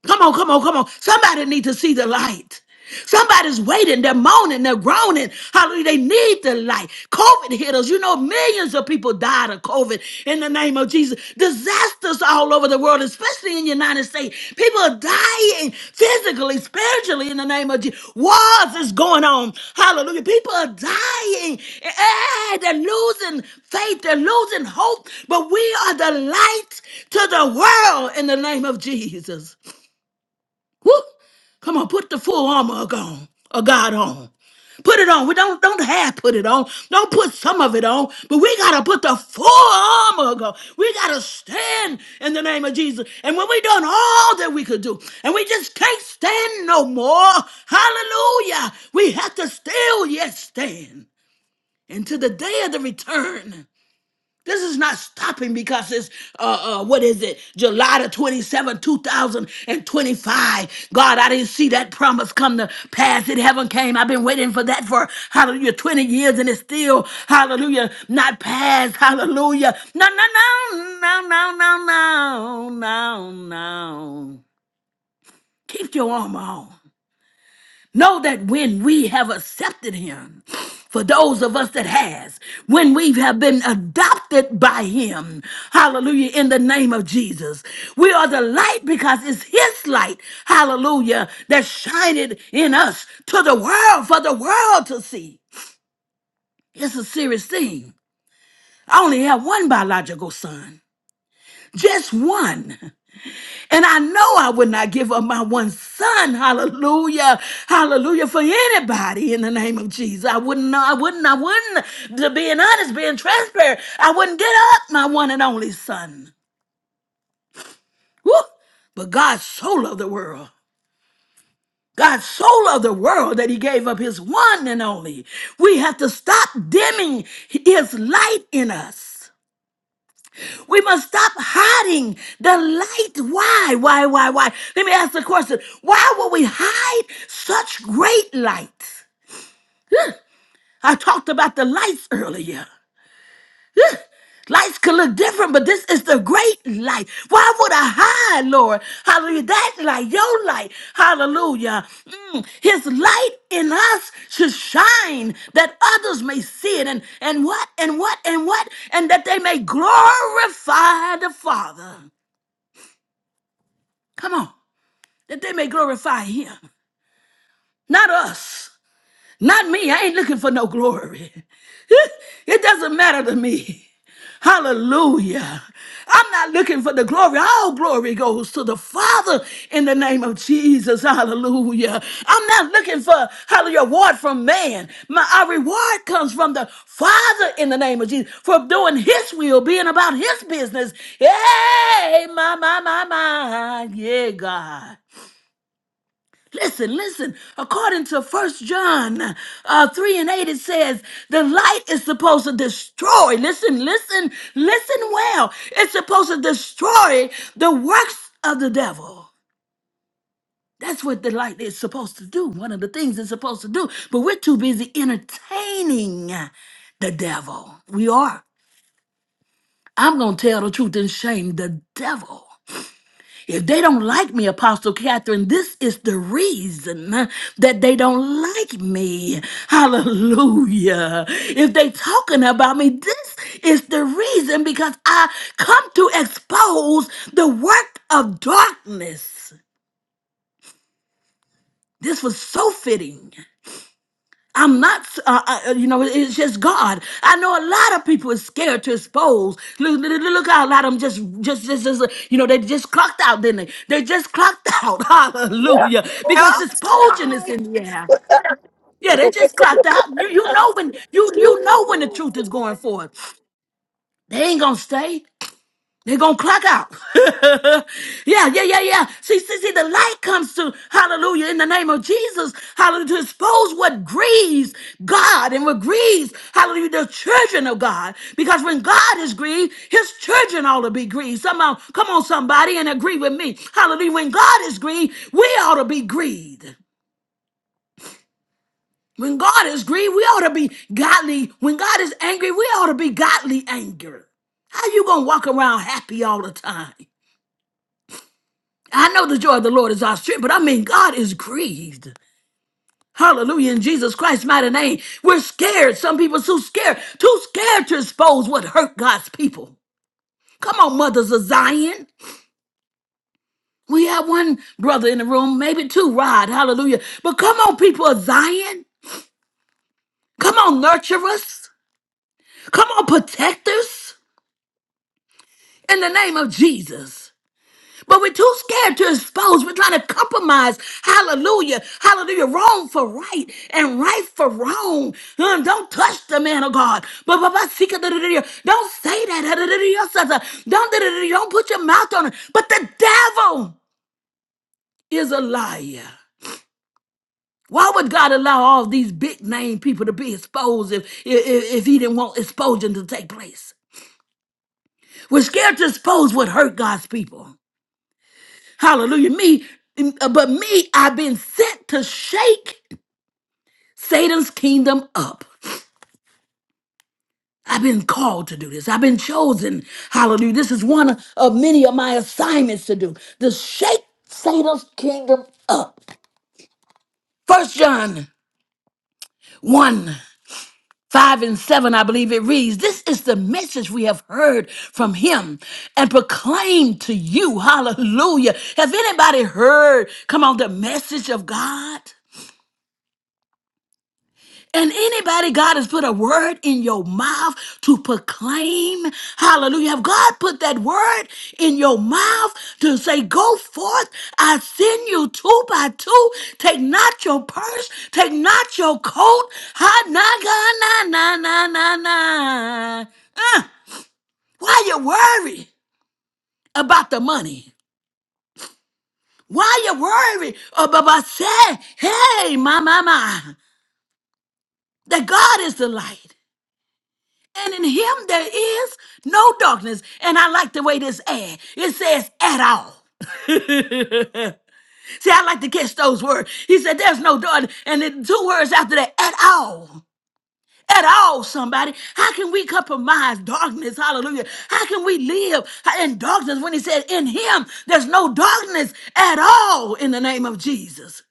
Speaker 1: Come on, come on, come on. Somebody need to see the light. Somebody's waiting, they're moaning, they're groaning. Hallelujah. They need the light. COVID hit us. You know, millions of people died of COVID in the name of Jesus. Disasters all over the world, especially in the United States. People are dying physically, spiritually in the name of Jesus. Wars is going on. Hallelujah. People are dying. Eh, They're losing faith, they're losing hope. But we are the light to the world in the name of Jesus. Woo! Come on, put the full armor of God, of God on. Put it on. We don't don't have put it on. Don't put some of it on. But we gotta put the full armor of God. We gotta stand in the name of Jesus. And when we done all that we could do, and we just can't stand no more, hallelujah. We have to still yet stand until the day of the return this is not stopping because it's uh, uh what is it? July the twenty seventh, two 2025. God, I didn't see that promise come to pass. It haven't came. I've been waiting for that for hallelujah 20 years and it's still hallelujah not passed. Hallelujah. No, no, no, no, no, no, no, no, no. Keep your armor on. Know that when we have accepted him, for those of us that has, when we have been adopted by him, hallelujah, in the name of Jesus, we are the light because it's his light, hallelujah, that shineth in us to the world, for the world to see. It's a serious thing. I only have one biological son, just one. And I know I would not give up my one son. Hallelujah. Hallelujah for anybody in the name of Jesus. I wouldn't know. I wouldn't. I wouldn't. To being honest, being transparent, I wouldn't get up my one and only son. Woo! But God so loved the world. God so loved the world that he gave up his one and only. We have to stop dimming his light in us. We must stop hiding the light. Why? Why? Why? Why? Let me ask the question. Why would we hide such great light? I talked about the lights earlier. Lights could look different, but this is the great light. Why would I hide, Lord? Hallelujah. That light, your light. Hallelujah. Mm. His light in us should shine that others may see it. And, and what? And what? And what? And that they may glorify the Father. Come on. that they may glorify him, not us, not me. I ain't looking for no glory. *laughs* It doesn't matter to me. Hallelujah. I'm not looking for the glory. All glory goes to the Father in the name of Jesus. Hallelujah. I'm not looking for hallelujah reward from man. My our reward comes from the Father in the name of Jesus for doing his will, being about his business. Hey, my, my, my, my. Yeah, God. Listen, listen. According to First John uh, 3 and 8, it says the light is supposed to destroy. Listen, listen, listen well. It's supposed to destroy the works of the devil. That's what the light is supposed to do. One of the things it's supposed to do. But we're too busy entertaining the devil. We are. I'm going to tell the truth and shame the devil. If they don't like me, Apostle Catherine, this is the reason that they don't like me. Hallelujah. If they talking about me, this is the reason because I come to expose the work of darkness. This was so fitting. I'm not, uh, uh, uh, you know, it's just God. I know a lot of people are scared to expose. Look, look, look look how a lot of them just, just, just, just, uh, you know, they just clocked out, didn't they? They just clocked *laughs* out. Hallelujah. Because expulsion is in the air. Yeah, they just clocked out. You, you know when, you, you know when the truth is going forth. They ain't gonna stay. They're gonna clock out. *laughs* yeah, yeah, yeah, yeah. See, see, see, the light comes to hallelujah in the name of Jesus, hallelujah, to expose what grieves God and what grieves, hallelujah, the children of God. Because when God is grieved, his children ought to be grieved. Somehow, come on, somebody, and agree with me. Hallelujah. When God is grieved, we ought to be grieved. When God is grieved, we ought to be godly. When God is angry, we ought to be godly anger. How you gonna walk around happy all the time? I know the joy of the Lord is our strength, but I mean, God is grieved. Hallelujah. In Jesus Christ's mighty name, we're scared. Some people too scared, too scared to expose what hurt God's people. Come on, mothers of Zion. We have one brother in the room, maybe two, Rod. Hallelujah. But come on, people of Zion. Come on, nurturers. Come on, protectors. In the name of Jesus. But we're too scared to expose. We're trying to compromise. Hallelujah. Hallelujah. Wrong for right and right for wrong. Um, don't touch the man of God. But but- but seek it, da- da- da- da. Don't say that. da- da- da- da- da, sister. Don't da- da- da- da, don't put your mouth on it. But the devil is a liar. Why would God allow all these big name people to be exposed if, if, if he didn't want exposure to take place? We're scared to expose what hurt God's people. Hallelujah. Me, but me, I've been sent to shake Satan's kingdom up. I've been called to do this. I've been chosen. Hallelujah. This is one of many of my assignments to do to shake Satan's kingdom up. First John 1 5 and 7, I believe it reads, This is the message we have heard from him and proclaimed to you. Hallelujah. Have anybody heard, come on, the message of God? And anybody God has put a word in your mouth to proclaim, hallelujah. Have God put that word in your mouth to say, Go forth, I send you two by two. Take not your purse, take not your coat. Ha na ga na na na na na. Uh, why you worry about the money? Why you worry about about say, hey, my my my, that God is the light. And in him there is no darkness. And I like the way this ad, it says at all. See, I like to catch those words. He said, there's no darkness. And then two words after that, at all. At all, somebody. How can we compromise darkness? Hallelujah. How can we live in darkness when he said, in him there's no darkness at all in the name of Jesus?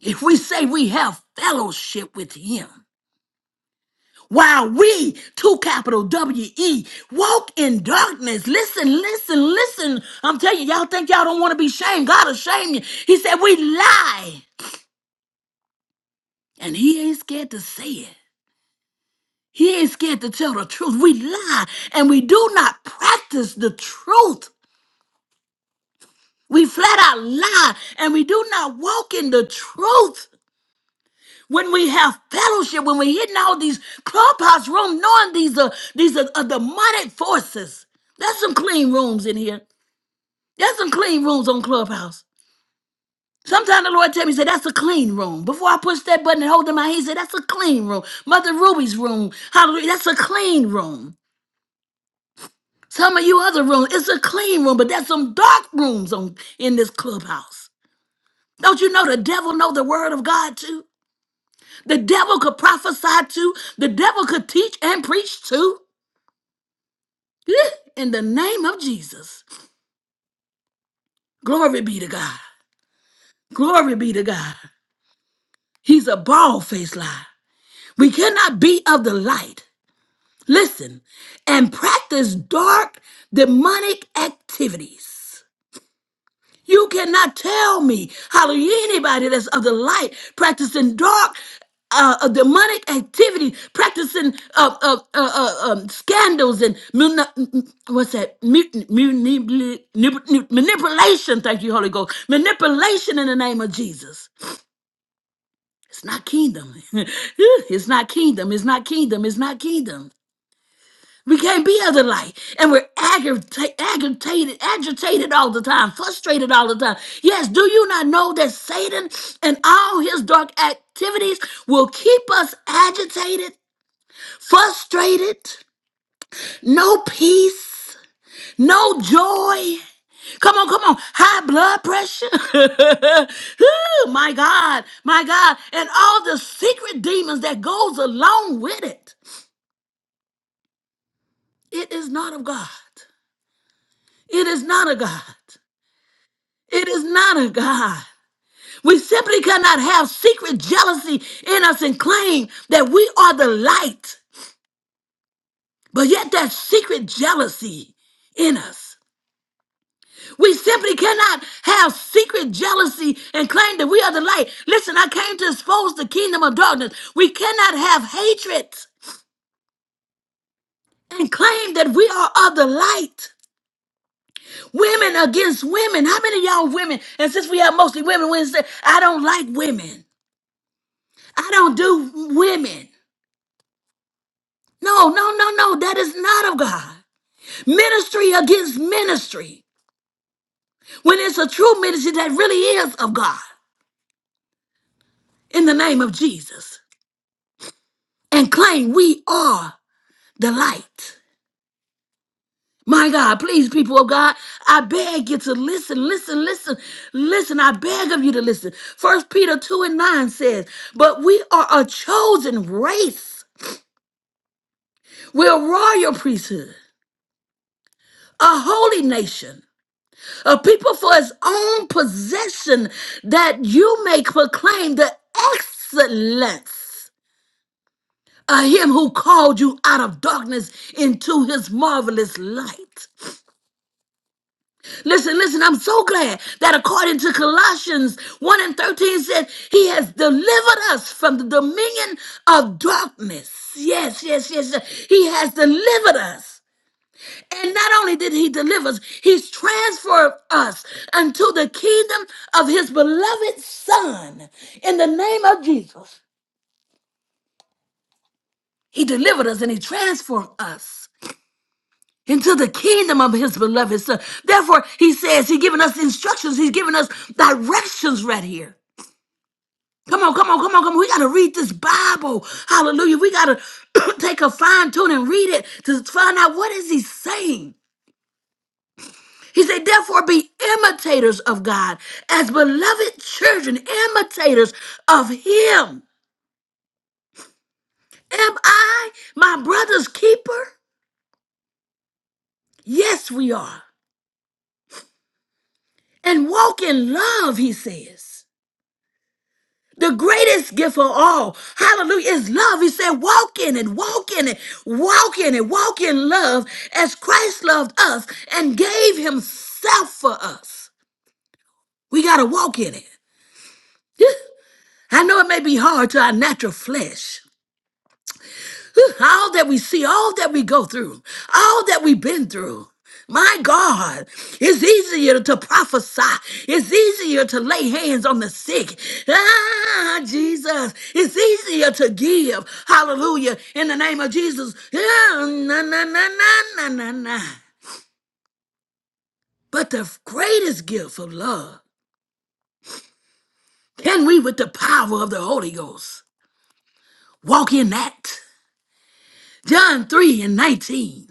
Speaker 1: If we say we have fellowship with him. While we, two capital W E, walk in darkness. Listen, listen, listen. I'm telling you, y'all think y'all don't want to be shamed. God will shame you. He said, We lie. And He ain't scared to say it. He ain't scared to tell the truth. We lie and we do not practice the truth. We flat out lie and we do not walk in the truth. when we have fellowship, when we're hitting all these clubhouse rooms, knowing these are these are, are demonic forces. There's some clean rooms in here. There's some clean rooms on Clubhouse. Sometimes the Lord tell me, say, that's a clean room. Before I push that button and hold in my hand, he said, that's a clean room. Mother Ruby's room. Hallelujah. That's a clean room. Some of you other rooms, it's a clean room, but there's some dark rooms on in this clubhouse. Don't you know the devil know the word of God too? The devil could prophesy to, the devil could teach and preach to. *laughs* Yeah, In the name of Jesus. Glory be to God. Glory be to God. He's a bald faced liar. We cannot be of the light. Listen, and practice dark demonic activities. You cannot tell me, hallelujah, anybody that's of the light, practicing dark, uh, uh, demonic activity, practicing uh, uh, uh, uh, um, scandals and mun- what's that? Mut- muni- nip- manipulation. Thank you, Holy Ghost. Manipulation in the name of Jesus. It's not kingdom. *laughs* it's not kingdom. It's not kingdom. It's not kingdom. We can't be of the light. And we're aggravated, agitated, agitated all the time, frustrated all the time. Yes, do you not know that Satan and all his dark activities will keep us agitated, frustrated, no peace, no joy? Come on, come on. High blood pressure. *laughs* Ooh, my God, my God. And all the secret demons that goes along with it. It is not of God. It is not of God. It is not of God. We simply cannot have secret jealousy in us and claim that we are the light, but yet that secret jealousy in us. We simply cannot have secret jealousy and claim that we are the light. Listen, I came to expose the kingdom of darkness. We cannot have hatred and claim that we are of the light. Women against women. How many of y'all women? And since we have mostly women, we say, I don't like women. I don't do women. No, no, no, no. That is not of God. Ministry against ministry. When it's a true ministry that really is of God in the name of Jesus. And claim we are the light. My God, please, people of God, I beg you to listen, listen, listen, listen. I beg of you to listen. First Peter 2 and 9 says, But we are a chosen race. We're a royal priesthood, a holy nation, a people for his own possession, that you may proclaim the excellence of him who called you out of darkness into his marvelous light. Listen, listen, I'm so glad that according to Colossians 1 and 13 said, he has delivered us from the dominion of darkness. Yes, yes, yes. yes. He has delivered us And not only did he deliver us, he's transferred us unto the kingdom of his beloved son. In the name of Jesus, he delivered us and he transformed us into the kingdom of his beloved son. Therefore, he says he's given us instructions, he's given us directions right here. Come on, come on, come on, come on. We got to read this Bible. Hallelujah. We got to *clears throat* take a fine tune and read it to find out what is he saying. He said, therefore, be imitators of God as beloved children, imitators of Him. Am I my brother's keeper? Yes, we are. And walk in love, he says. The greatest gift of all, hallelujah, is love. He said, walk in it, walk in it, walk in it, walk in love as Christ loved us and gave himself for us. We got to walk in it. *laughs* I know it may be hard to our natural flesh, all that we see, all that we go through, all that we've been through. My God, it's easier to prophesy. It's easier to lay hands on the sick. Ah, Jesus. It's easier to give. Hallelujah. In the name of Jesus. Yeah, na, na, na, na, na, na, na. But the greatest gift of love, can we, with the power of the Holy Ghost, walk in that? John 3 and 19.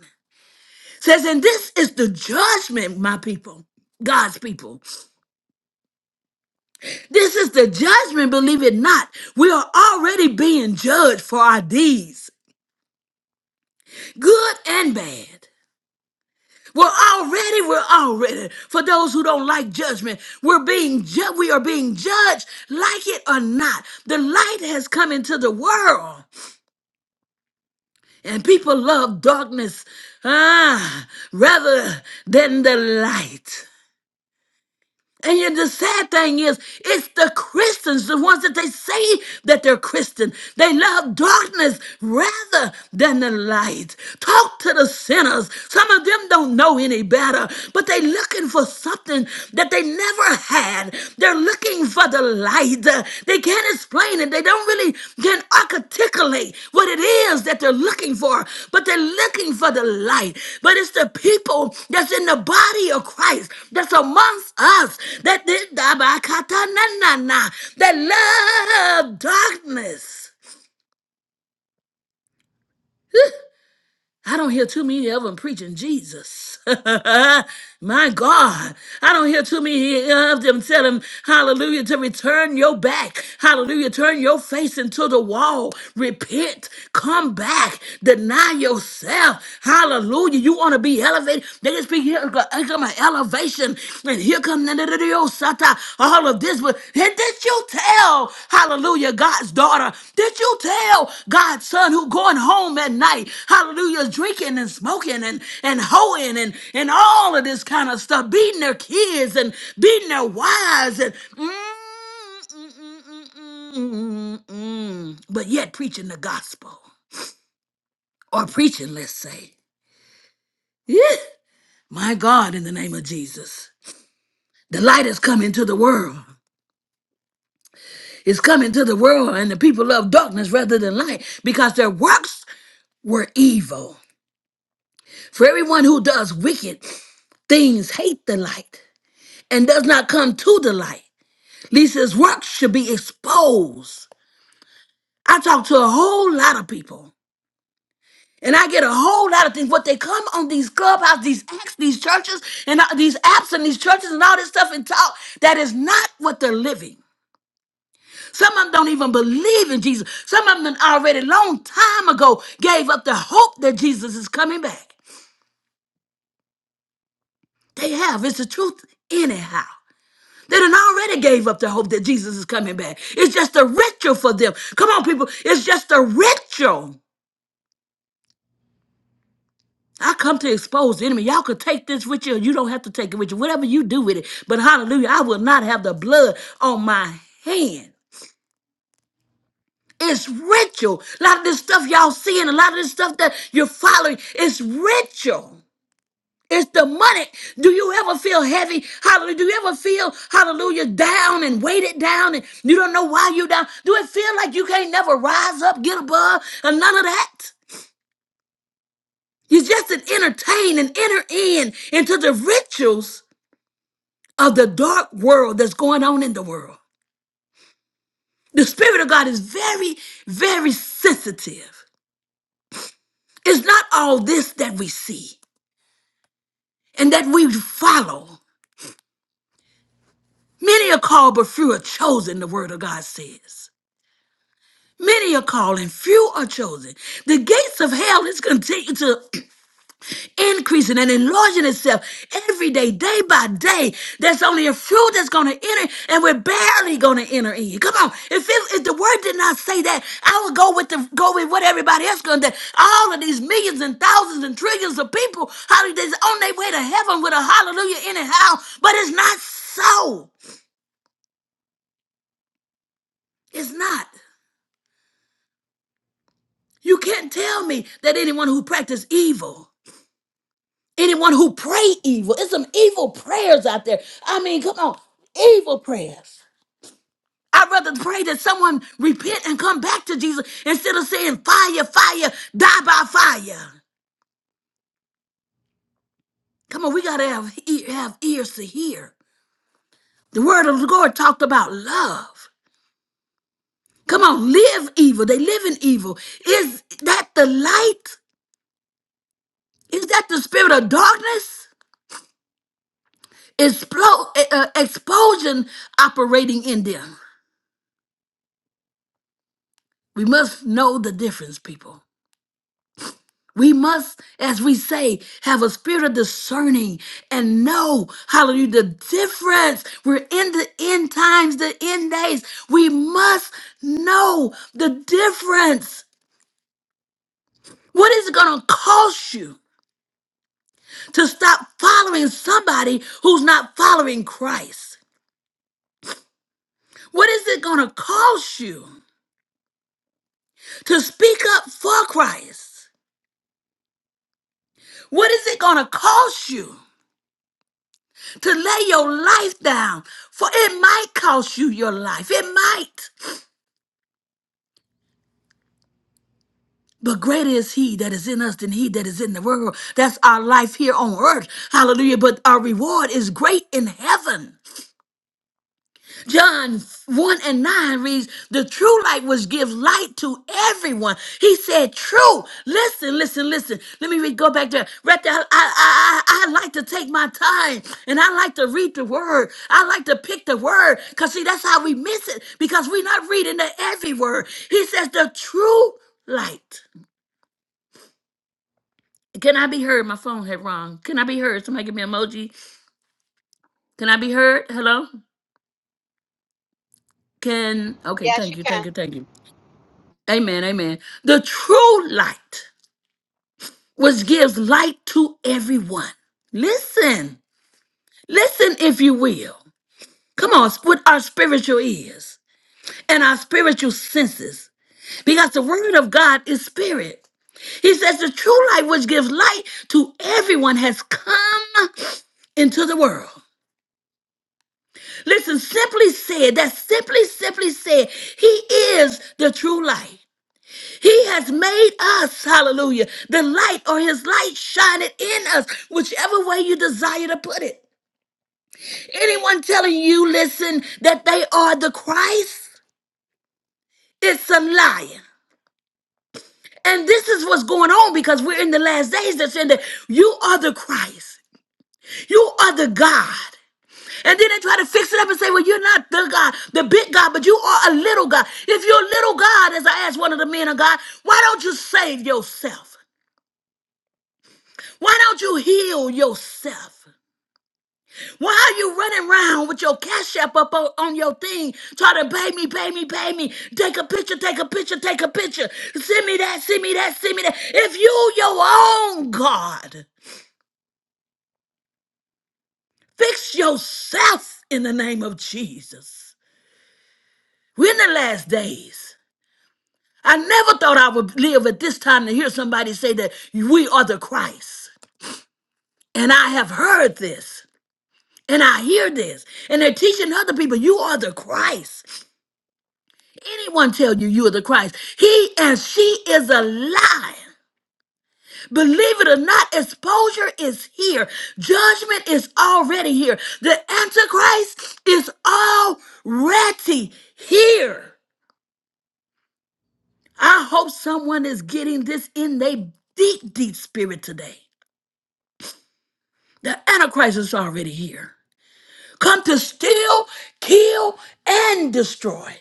Speaker 1: says, and this is the judgment, my people, God's people. This is the judgment, believe it not. We are already being judged for our deeds, good and bad. We're already, we're already, for those who don't like judgment, we're being ju- we are being judged like it or not. The light has come into the world, and people love darkness ah, rather than the light. And yet the sad thing is, it's the Christians, the ones that they say that they're Christian. They love darkness rather than the light. Talk to the sinners. Some of them don't know any better, but they're looking for something that they never had. They're looking for the light need. Uh, They can't explain it. They don't really can articulate what it is that they're looking for, but they're looking for the light. But it's the people that's in the body of Christ that's amongst us that did that love darkness I don't hear too many of them preaching Jesus. *laughs* My God. I don't hear too many of them telling, hallelujah, to return your back. Hallelujah. Turn your face into the wall. Repent. Come back. Deny yourself. Hallelujah. You want to be elevated. They just be here. Here come an elevation. And here come all of this. But and did you tell, hallelujah, God's daughter? Did you tell God's son who going home at night, hallelujah, drinking and smoking and, and hoeing and, and all of this kind of stuff, beating their kids and beating their wives and mm, mm, mm, mm, mm, mm, mm, but yet preaching the gospel or preaching, let's say. Yeah. My God, in the name of Jesus, the light has come into the world. is coming to the world and the people love darkness rather than light because their works were evil. For everyone who does wicked things hate the light and does not come to the light, lest his works should be exposed. I talk to a whole lot of people. And I get a whole lot of things. What they come on these clubhouse, these apps, these churches, and all- these apps and these churches and all this stuff and talk that is not what they're living. Some of them don't even believe in Jesus. Some of them already long time ago gave up the hope that Jesus is coming back. They have. It's the truth anyhow. They done already gave up the hope that Jesus is coming back. It's just a ritual for them. Come on, people. It's just a ritual. I come to expose the enemy. Y'all could take this with you. or You don't have to take it with you. Whatever you do with it. But hallelujah, I will not have the blood on my hand. It's ritual. A lot of this stuff y'all seeing, a lot of this stuff that you're following, it's ritual. It's the money. Do you ever feel heavy? Hallelujah. Do you ever feel, hallelujah, down and weighted down and you don't know why you down? Do it feel like you can't never rise up, get above, or none of that? You just an entertain and enter in into the rituals of the dark world that's going on in the world. The Spirit of God is very, very sensitive. It's not all this that we see and that we follow. Many are called, but few are chosen, the Word of God says. Many are called and few are chosen. The gates of hell is continuing to *clears throat* increasing and enlarging itself every day, day by day. There's only a few that's going to enter, and we're barely going to enter in. Come on, if it, if the word did not say that, I would go with the go with what everybody else going to do. All of these millions and thousands and trillions of people, holidays on their way to heaven with a hallelujah anyhow. But it's not so. It's not. You can't tell me that anyone who practices evil. Anyone who pray evil. It's some evil prayers out there. I mean, come on, evil prayers. I'd rather pray that someone repent and come back to Jesus instead of saying, fire, fire, die by fire. Come on, we got to have, e- have ears to hear. The word of the Lord talked about love. Come on, live evil. They live in evil. Is that the light? Is that the spirit of darkness? Explo- eh, uh, explosion operating in them. We must know the difference, people. We must, as we say, have a spirit of discerning and know, hallelujah, the difference. We're in the end times, the end days. We must know the difference. What is it going to cost you to stop following somebody who's not following Christ? What is it going to cost you to speak up for Christ? What is it going to cost you? to lay your life down, for it might cost you your life. It might. But greater is he that is in us than he that is in the world. That's our life here on earth. Hallelujah. But our reward is great in heaven. John 1 and 9 reads, The true light was give light to everyone. He said, True. Listen, listen, listen. Let me read, go back there. Right there, I, I, I, I like to take my time and I like to read the word. I like to pick the word because, see, that's how we miss it because we're not reading the every word. He says, The true light. Can I be heard? My phone had rung. Can I be heard? Somebody give me an emoji. Can I be heard? Hello? Can, okay,
Speaker 5: Yes,
Speaker 1: thank
Speaker 5: you
Speaker 1: you, thank
Speaker 5: can.
Speaker 1: you, thank you. Amen, amen. The true light, which gives light to everyone. Listen, listen if you will. Come on, with our spiritual ears and our spiritual senses, because the word of God is spirit. He says the true light, which gives light to everyone, has come into the world. Listen, simply said, that simply, simply said, He is the true light. He has made us, hallelujah, the light or his light shining in us, whichever way you desire to put it. Anyone telling you, listen, that they are the Christ, it's a lie. And this is what's going on because we're in the last days They're saying that you are the Christ, you are the God. And then they try to fix it up and say, well, you're not the God, the big God, but you are a little God. If you're a little God, as I asked one of the men of God, why don't you save yourself? Why don't you heal yourself? Why are you running around with your cash app up on, on your thing, trying to pay me, pay me, pay me? Take a picture, take a picture, take a picture. Send me that, send me that, send me that. If you, your own God, fix yourself in the name of Jesus. We're in the last days. I never thought I would live at this time to hear somebody say that we are the Christ. And I have heard this. And I hear this. And they're teaching other people, you are the Christ. Anyone tell you you are the Christ. He and she is a lie. Believe it or not, exposure is here. Judgment is already here. The Antichrist is already here. I hope someone is getting this in their deep, deep spirit today. The Antichrist is already here. Come to steal, kill, and destroy.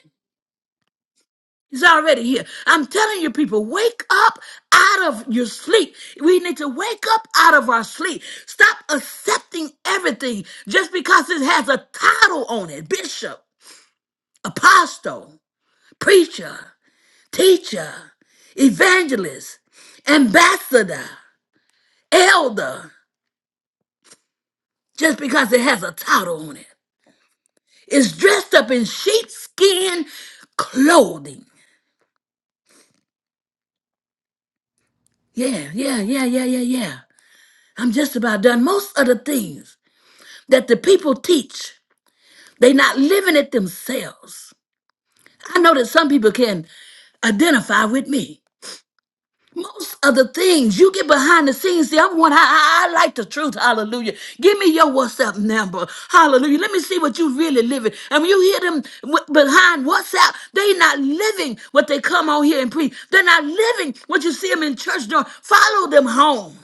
Speaker 1: He's already here. I'm telling you, people, wake up out of your sleep. We need to wake up out of our sleep. Stop accepting everything just because it has a title on it bishop, apostle, preacher, teacher, evangelist, ambassador, elder, just because it has a title on it. It's dressed up in sheepskin clothing. Yeah, yeah, yeah, yeah, yeah, yeah. I'm just about done. Most of the things that the people teach. They not living it themselves. I know that some people can identify with me. Most of the things you get behind the scenes, see, I'm one. I, I, I like the truth. Hallelujah. Give me your WhatsApp number. Hallelujah. Let me see what you really living. And when you hear them w- behind WhatsApp, they not living what they come on here and preach. They're not living what you see them in church doing. Follow them home.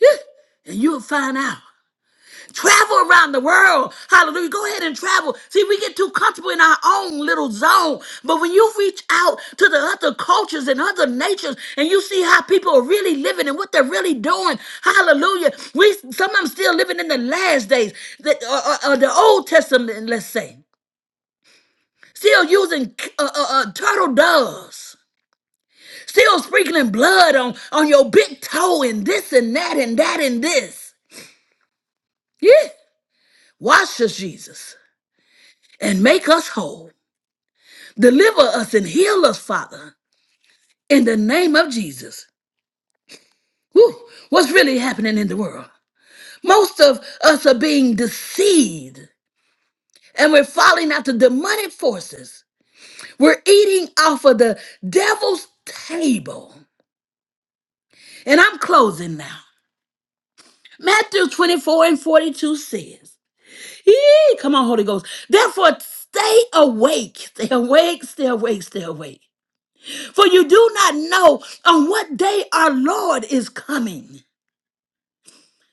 Speaker 1: Yeah. And you'll find out. Travel around the world. Hallelujah. Go ahead and travel. See, we get too comfortable in our own little zone. But when you reach out to the other cultures and other nations and you see how people are really living and what they're really doing, hallelujah. We some of them still living in the last days, the, or, or- or the Old Testament, let's say. Still using uh, uh, uh, turtle doves. Still sprinkling blood on, on your big toe and this and that and that and this. Yeah. Wash us, Jesus, and make us whole. Deliver us and heal us, Father, in the name of Jesus. Whew, what's really happening in the world? Most of us are being deceived and we're falling after demonic forces. We're eating off of the devil's table. And I'm closing now. Matthew 24 and 42 says, Yee, Come on, Holy Ghost. Therefore, stay awake, stay awake, stay awake, stay awake. For you do not know on what day our Lord is coming.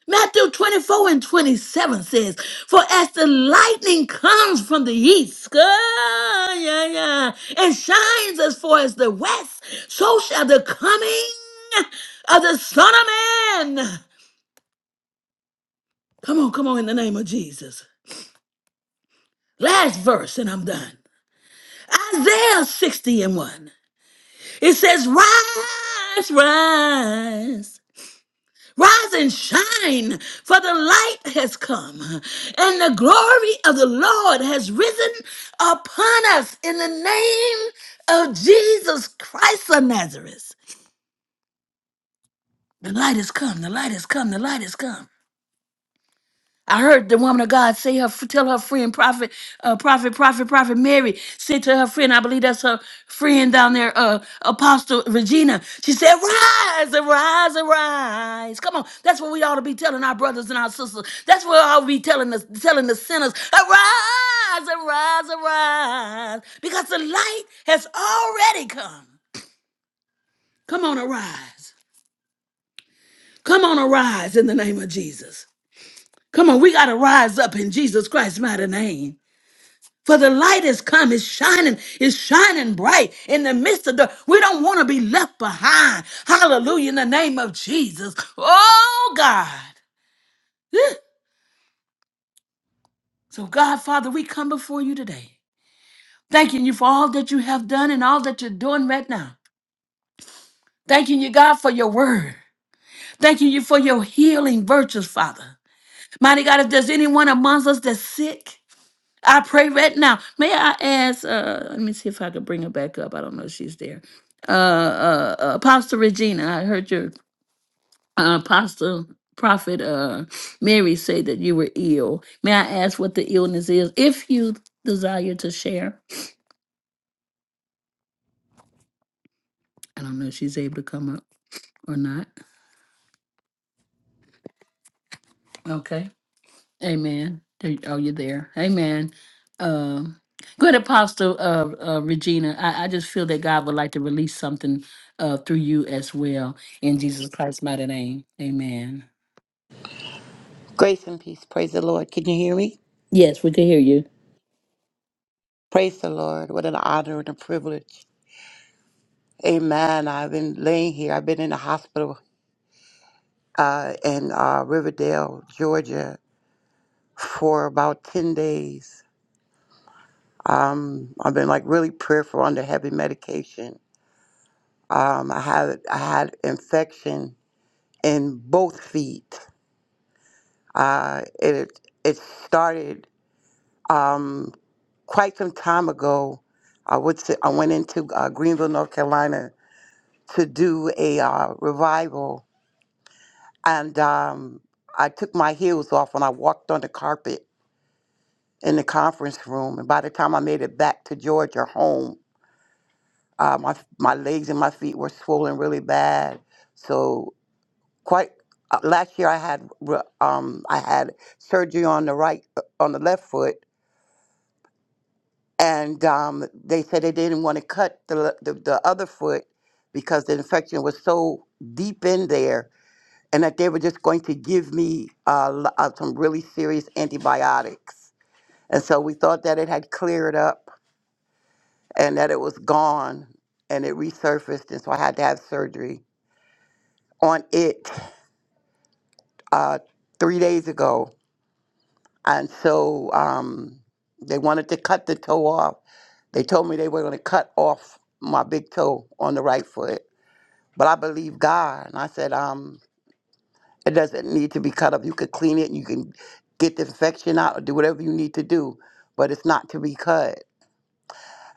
Speaker 1: Matthew 24 and 27 says, For as the lightning comes from the east ah, yeah, yeah, and shines as far as the west, so shall the coming of the Son of Man. Come on, come on, in the name of Jesus. Last verse, and I'm done. Isaiah 60 and 1. It says, Rise, rise. Rise and shine, for the light has come, and the glory of the Lord has risen upon us in the name of Jesus Christ of Nazareth. The light has come, the light has come, the light has come. I heard the woman of God say her tell her friend prophet uh, prophet prophet prophet Mary said to her friend I believe that's her friend down there uh, Apostle Regina she said rise arise arise come on that's what we ought to be telling our brothers and our sisters that's what I ought to be telling the telling the sinners arise arise arise because the light has already come come on arise come on arise in the name of Jesus come on we got to rise up in Jesus Christ's mighty name For the light has come, it's shining, it's shining bright in the midst of the. We don't want to be left behind. Hallelujah, in the name of Jesus. Oh, God. *gasps* Eh. So, God, Father, we come before you today, thanking you for all that you have done and all that you're doing right now. Thanking you, God, for your word. Thanking you for your healing virtues, Father. Mighty God, if there's anyone amongst us that's sick, I pray right now. May I ask? Uh, let me see if I could bring her back up. I don't know if she's there. Uh, uh, uh, Apostle Regina, I heard your uh, apostle prophet uh, Mary say that you were ill. May I ask what the illness is, if you desire to share? I don't know if she's able to come up or not. Okay. Amen. There- Oh, you're there. Amen. Um, good Apostle uh, uh, Regina. I, I just feel that God would like to release something uh, through you as well in Jesus Christ's mighty name. Amen.
Speaker 6: Grace and peace. Praise the Lord. Can you hear me?
Speaker 1: Yes, we can hear you.
Speaker 6: Praise the Lord. What an honor and a privilege. Amen. I've been laying here. I've been in the hospital uh, in uh, Riverdale, Georgia, for about 10 days. Um, I've been like really prayerful under heavy medication. Um, I had I had infection in both feet. Uh, it it started um, quite some time ago. I would say I went into uh, Greenville, North Carolina, to do a uh, revival, and um, I took my heels off when I walked on the carpet in the conference room. And by the time I made it back to Georgia home, uh, my my legs and my feet were swollen really bad. So quite uh, last year, I had re- um, I had surgery on the right uh, on the left foot, and um, they said they didn't want to cut the, le- the the other foot because the infection was so deep in there and that they were just going to give me uh, l- uh, some really serious antibiotics. And so we thought that it had cleared up and that it was gone, and it resurfaced, and so I had to have surgery on it uh, three days ago. And so um, they wanted to cut the toe off. They told me they were going to cut off my big toe on the right foot, but I believe God, and I said, um, It doesn't need to be cut up. You could clean it and you can get the infection out or do whatever you need to do, but it's not to be cut.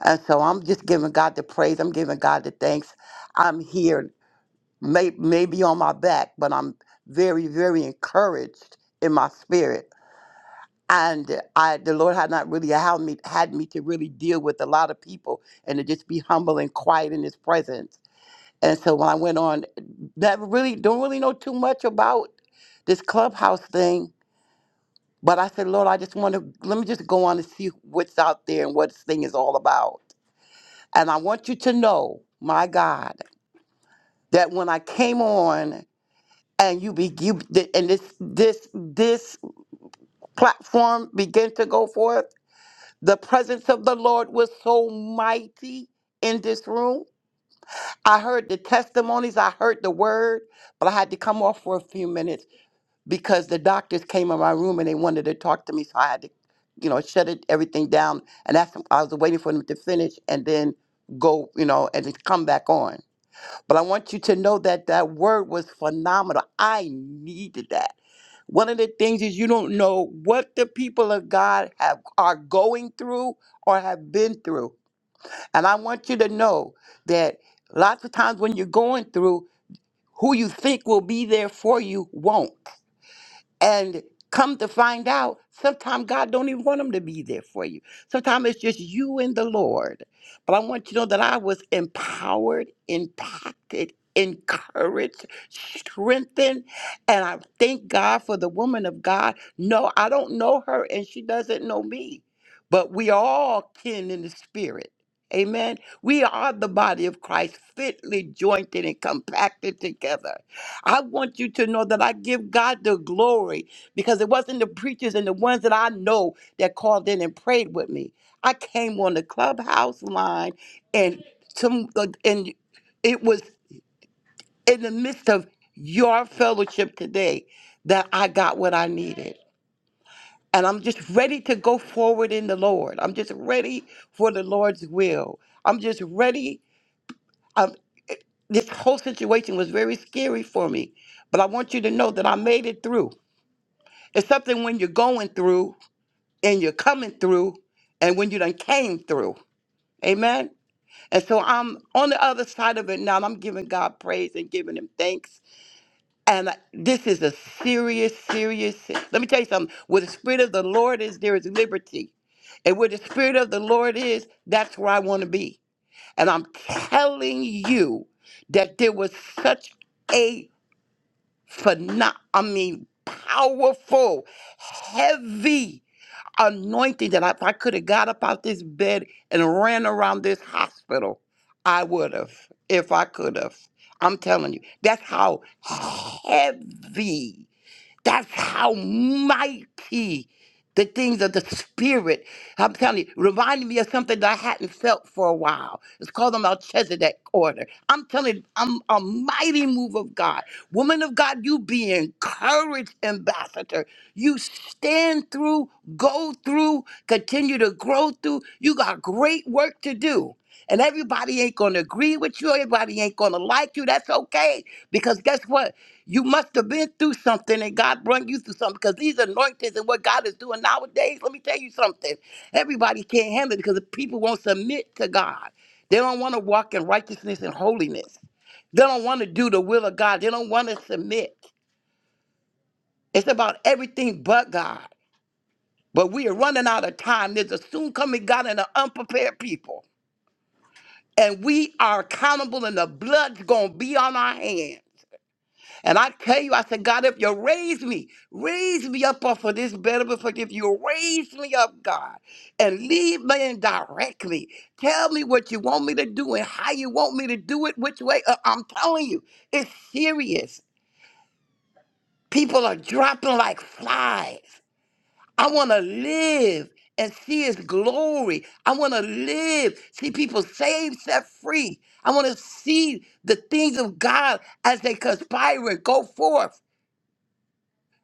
Speaker 6: And so I'm just giving God the praise. I'm giving God the thanks. I'm here, may, maybe on my back, but I'm very, very encouraged in my spirit. And I, the Lord had not really had me, had me to really deal with a lot of people and to just be humble and quiet in His presence. And so when I went on, never really don't really know too much about this clubhouse thing But I said, Lord, I just want to let me just go on and see what's out there and what this thing is all about. And I want you to know, my God, that when I came on and you be you, and this this this platform began to go forth, the presence of the Lord was so mighty in this room. I heard the testimonies, I heard the word, but I had to come off for a few minutes because the doctors came in my room and they wanted to talk to me, so I had to, you know, shut it everything down. And that's I was waiting for them to finish and then go, you know, and then come back on. But I want you to know that that word was phenomenal. I needed that. One of the things is you don't know what the people of God have are going through or have been through. And I want you to know that lots of times when you're going through, who you think will be there for you won't and come to find out, sometimes God don't even want them to be there for you. Sometimes it's just you and the Lord. But I want you to know that I was empowered, impacted, encouraged, strengthened, and I thank God for the woman of God. No, I don't know her and she doesn't know me. But we are all kin in the spirit. Amen. We are the body of Christ, fitly jointed and compacted together. I want you to know that I give God the glory because it wasn't the preachers and the ones that I know that called in and prayed with me. I came on the clubhouse line and some uh, and it was in the midst of your fellowship today that I got what I needed. And I'm just ready to go forward in the Lord. I'm just ready for the Lord's will. I'm just ready um, it- this whole situation was very scary for me. But I want you to know that I made it through. It's something when you're going through and you're coming through and when you done came through. Amen. And so I'm on the other side of it now and I'm giving God praise and giving him thanks. And I- this is a serious, serious. Let me tell you something. Where the Spirit of the Lord is, there is liberty. And where the Spirit of the Lord is, that's where I want to be. And I'm telling you that there was such a phenom- I mean, powerful, heavy anointing that if I could have got up out this bed and ran around this hospital, I would have, if I could have. I'm telling you, that's how heavy that's how mighty the things of the spirit. I'm telling you, reminded me of something that I hadn't felt for a while. It's called the Melchizedek order. I'm telling you, I'm a mighty move of God. Woman of God, you be encouraged, ambassador. You stand through, go through, continue to grow through. You got great work to do. And everybody ain't gonna agree with you. Everybody ain't gonna like you. That's okay. Because guess what? You must have been through something and God brought you through something because these anointings and what God is doing nowadays, let me tell you something. Everybody can't handle it because the people won't submit to God. They don't want to walk in righteousness and holiness. They don't want to do the will of God. They don't want to submit. It's about everything but God. But we are running out of time. There's a soon coming God and an unprepared people. And we are accountable and the blood's going to be on our hands. And I tell you, I said, God, if you raise me, raise me up off of this bed of affliction. If you raise me up, God, and lead me and direct me, tell me what you want me to do and how you want me to do it, which way. Uh, I'm telling you, it's serious. People are dropping like flies. I want to live and see his glory. I want to live, see people saved, set free. I want to see the things of God as they conspire and go forth.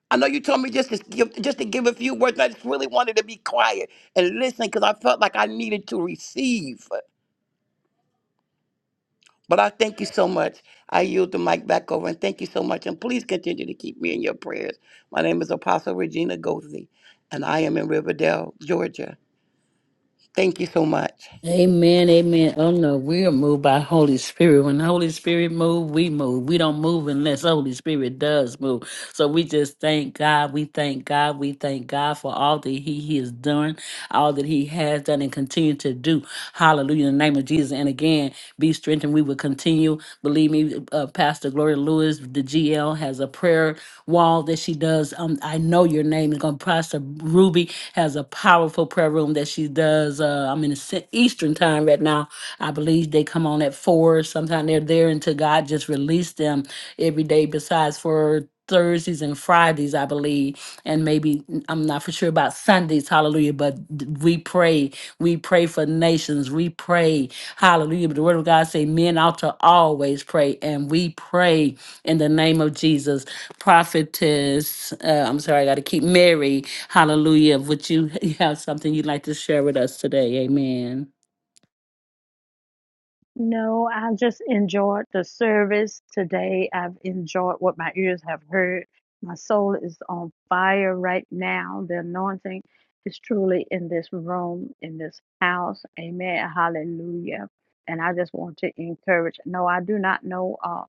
Speaker 6: I know you told me just to give just to give a few words. and I just really wanted to be quiet and listen because I felt like I needed to receive. But I thank you so much. I yield the mic back over and thank you so much. And please continue to keep me in your prayers. My name is Apostle Regina Gosley, and I am in Riverdale, Georgia. Thank you so much.
Speaker 1: Amen, amen. Oh no, we are moved by Holy Spirit. When the Holy Spirit move, we move. We don't move unless Holy Spirit does move. So we just thank God. We thank God. We thank God for all that He, he is doing, all that He has done and continue to do. Hallelujah. In the name of Jesus. And again, be strengthened. We will continue. Believe me, uh, Pastor Gloria Lewis, the GL, has a prayer wall that she does. Um, I know your name is going to Pastor Ruby has a powerful prayer room that she does. Uh, I'm in the Cent- Eastern time right now. I believe they come on at four. Sometimes they're there until God just released them every day. Besides for Thursdays and Fridays, I believe, and maybe I'm not for sure about Sundays, hallelujah, but d- we pray, we pray for nations, we pray, hallelujah. But the word of God say men ought to always pray, and we pray in the name of Jesus. Prophetess, uh, I'm sorry, I got to keep Mary, hallelujah. Would you *laughs* have something you'd like to share with us today? Amen.
Speaker 4: No, I just enjoyed the service today. I've enjoyed what my ears have heard. My soul is on fire right now. The anointing is truly in this room, in this house. Amen. Hallelujah. And I just want to encourage. No, I do not know um,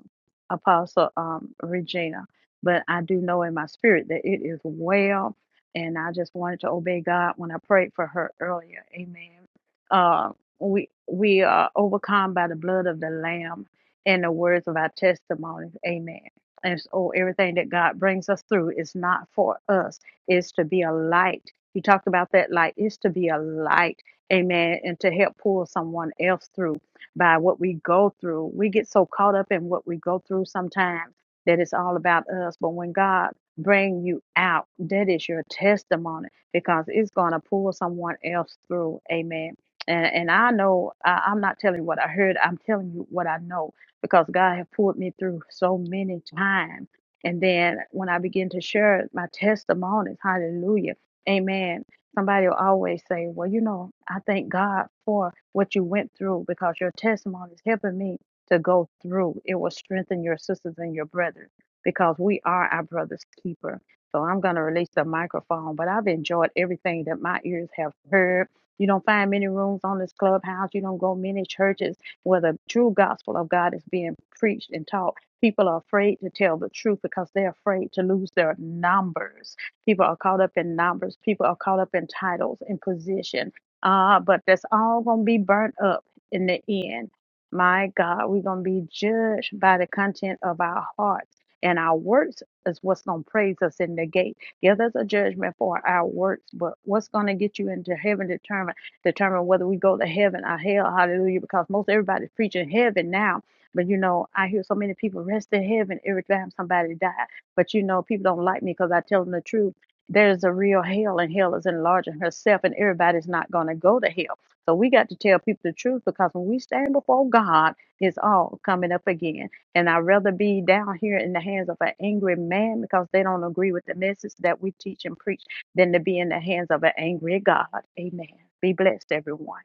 Speaker 4: Apostle um, Regina, but I do know in my spirit that it is well. And I just wanted to obey God when I prayed for her earlier. Amen. Uh, we we are overcome by the blood of the lamb and the words of our testimonies amen and so everything that god brings us through is not for us it's to be a light he talked about that light It's to be a light amen and to help pull someone else through by what we go through we get so caught up in what we go through sometimes that it's all about us but when god bring you out that is your testimony because it's going to pull someone else through amen and and I know I, I'm not telling you what I heard. I'm telling you what I know because God has pulled me through so many times. And then when I begin to share my testimonies, Hallelujah, Amen. Somebody will always say, "Well, you know, I thank God for what you went through because your testimony is helping me to go through. It will strengthen your sisters and your brothers because we are our brother's keeper." So I'm going to release the microphone, but I've enjoyed everything that my ears have heard you don't find many rooms on this clubhouse. You don't go many churches where the true gospel of God is being preached and taught. People are afraid to tell the truth because they're afraid to lose their numbers. People are caught up in numbers. People are caught up in titles and position. Uh, but that's all going to be burnt up in the end. My God, we're going to be judged by the content of our hearts and our works is what's going to praise us in the gate. Yeah, there's a judgment for our works, but what's going to get you into heaven determine determine whether we go to heaven or hell. Hallelujah! Because most everybody's preaching heaven now, but you know I hear so many people rest in heaven every time somebody dies. But you know people don't like me because I tell them the truth. There's a real hell, and hell is enlarging herself, and everybody's not going to go to hell. So we got to tell people the truth because when we stand before God, it's all coming up again. And I'd rather be down here in the hands of an angry man because they don't agree with the message that we teach and preach than to be in the hands of an angry God. Amen. Be blessed, everyone.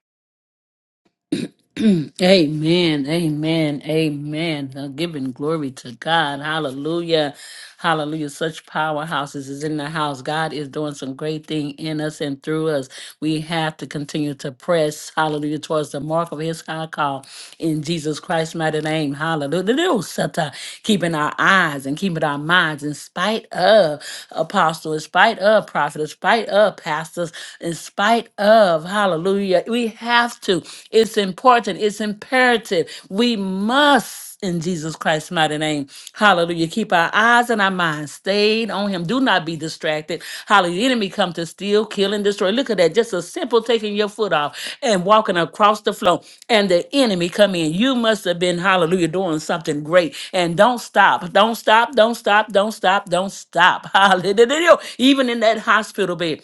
Speaker 1: *clears throat* amen, amen, amen. Uh, giving glory to God, hallelujah. Hallelujah. Such powerhouses is in the house. God is doing some great thing in us and through us. We have to continue to press, hallelujah, towards the mark of his high call in Jesus Christ's mighty name. Hallelujah. Sata. Keeping our eyes and keeping our minds in spite of apostles, in spite of prophets, in spite of pastors, in spite of, hallelujah. We have to. It's important. It's imperative. We must us in Jesus Christ's mighty name. Hallelujah. Keep our eyes and our minds stayed on him. Do not be distracted. Hallelujah. The enemy come to steal, kill, and destroy. Look at that. Just a simple taking your foot off and walking across the floor and the enemy come in. You must have been, hallelujah, doing something great. And don't stop. Don't stop. Don't stop. Don't stop. Don't stop. *laughs* Hallelujah. Even in that hospital bed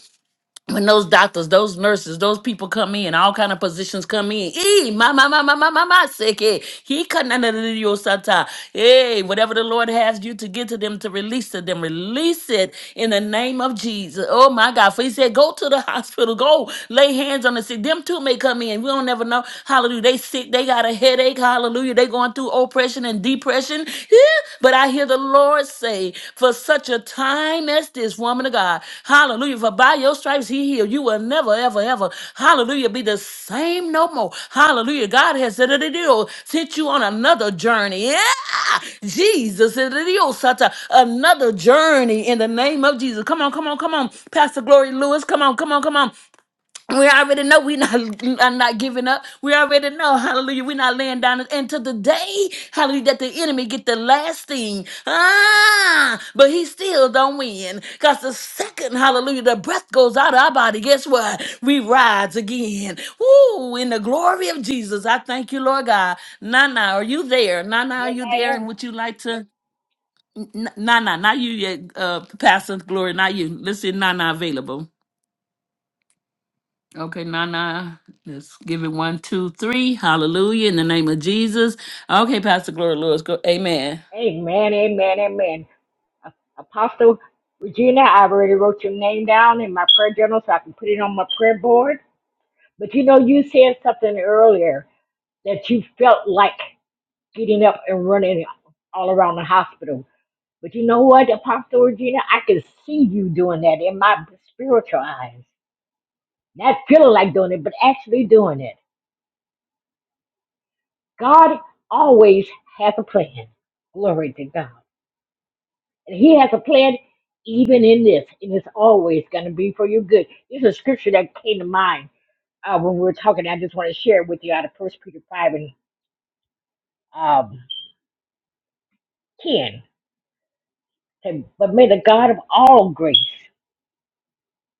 Speaker 1: when those doctors, those nurses, those people come in, all kind of positions come in. Ee, my, my, my, my, my, my, my, sick. eh. He couldn't under the yo sata. Hey, whatever the Lord has you to get to them, to release to them, release it in the name of Jesus. Oh my God. For he said, go to the hospital, go lay hands on the sick. Them too may come in. We don't never know. Hallelujah. They sick. They got a headache. Hallelujah. They going through oppression and depression. Yeah, But I hear the Lord say, for such a time as this, woman of God, hallelujah, for by your stripes he healed. You will never, ever, ever, hallelujah, be the same no more. Hallelujah. God has said it, sent you on another journey. Yeah. Jesus, it is such a, another journey in the name of Jesus. Come on, come on, come on. Pastor Glory Lewis, come on, come on, come on. We already know we're not, are not giving up. We already know, hallelujah, we're not laying down until the day, hallelujah, that the enemy get the last thing. Ah, but he still don't win. Because the second, hallelujah, the breath goes out of our body, guess what? We rise again. Woo, in the glory of Jesus. I thank you, Lord God. Nana, are you there? Nana, are
Speaker 2: Yes,
Speaker 1: you
Speaker 2: I
Speaker 1: there? And
Speaker 2: am.
Speaker 1: would you like to? N- Nana, not you yet, uh, Pastor Glory, not you. Listen, Nana available. Okay, Nana, let's give it one, two, three. Hallelujah in the name of Jesus. Okay, Pastor Gloria Lewis, go. Amen.
Speaker 2: Amen, amen, amen. Apostle Regina, I already wrote your name down in my prayer journal so I can put it on my prayer board. But you know, you said something earlier that you felt like getting up and running all around the hospital. But you know what, Apostle Regina? I can see you doing that in my spiritual eyes. Not feeling like doing it, but actually doing it. God always has a plan. Glory to God. And he has a plan even in this, and it's always going to be for your good. This is a scripture that came to mind uh, when we were talking. I just want to share it with you out of First Peter 5 and um, 10. Say, but may the God of all grace,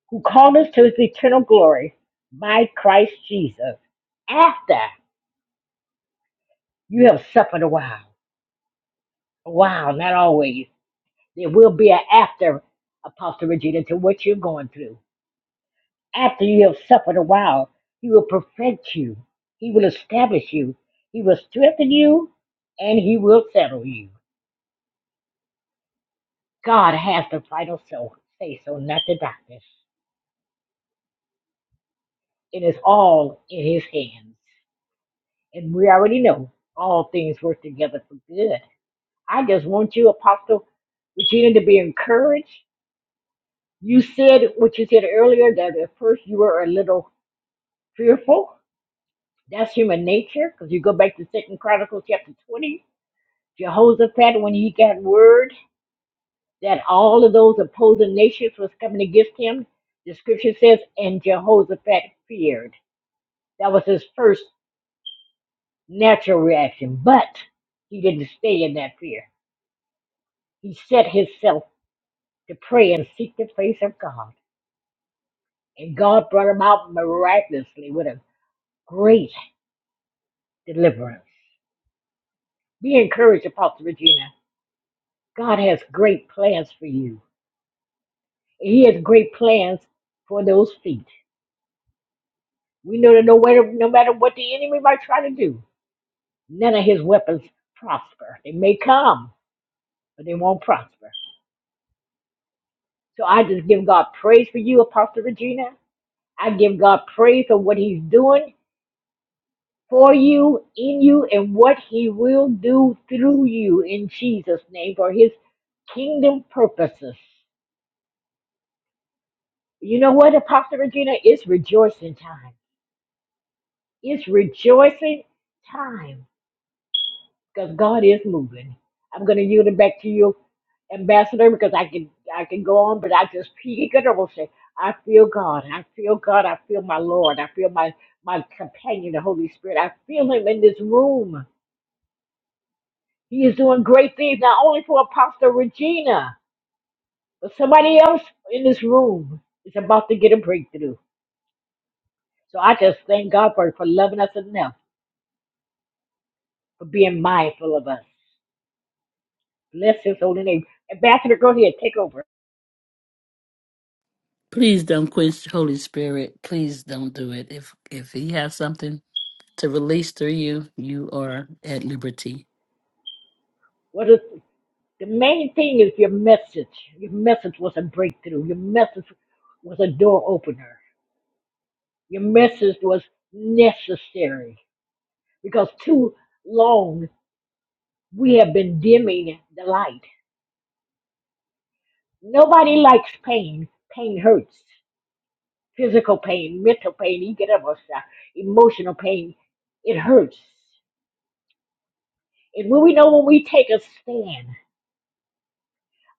Speaker 2: who called us to his eternal glory by Christ Jesus, after you have suffered a while, a while, not always, there will be an after, Apostle Regina, to what you're going through After you have suffered a while, he will perfect you, he will establish you, he will strengthen you, and he will settle you. God has the final so- say so, not the doctors. It is all in his hands. And we already know all things work together for good. I just want you, Apostle Regina, to be encouraged. You said what you said earlier that at first you were a little fearful. That's human nature because you go back to Second Chronicles chapter 20 Jehoshaphat, when he got word that all of those opposing nations was coming against him, the scripture says, and Jehoshaphat feared. That was his first natural reaction, but he didn't stay in that fear. He set himself to pray and seek the face of God. And God brought him out miraculously with a great deliverance. Be encouraged, Apostle Regina. God has great plans for you. He has great plans for those feet. We know that no matter, no matter what the enemy might try to do, none of his weapons prosper. They may come, but they won't prosper. So I just give God praise for you, Apostle Regina. I give God praise for what he's doing for you, in you, and what he will do through you in Jesus' name for his kingdom purposes. You know what, Apostle Regina? It's rejoicing time. It's rejoicing time. because God is moving. I'm going to yield it back to you, Ambassador, because I can I can go on, but I just peek it over and say, I feel God. I feel God. I feel my Lord. I feel my my companion, the Holy Spirit. I feel Him in this room. He is doing great things, not only for Apostle Regina, but somebody else in this room is about to get a breakthrough. So I just thank God for, for loving us enough, for being mindful of us. Bless His holy name. Ambassador, go ahead, take over.
Speaker 1: Please don't quench the Holy Spirit. Please don't do it. If if He has something to release through you, you are at liberty.
Speaker 2: What is? The main thing is your message. Your message was a breakthrough. Your message was a door opener. Your message was necessary because too long we have been dimming the light. Nobody likes pain. Pain hurts. Physical pain, mental pain, you get up or stuff, emotional pain. It hurts. And when we know when we take a stand,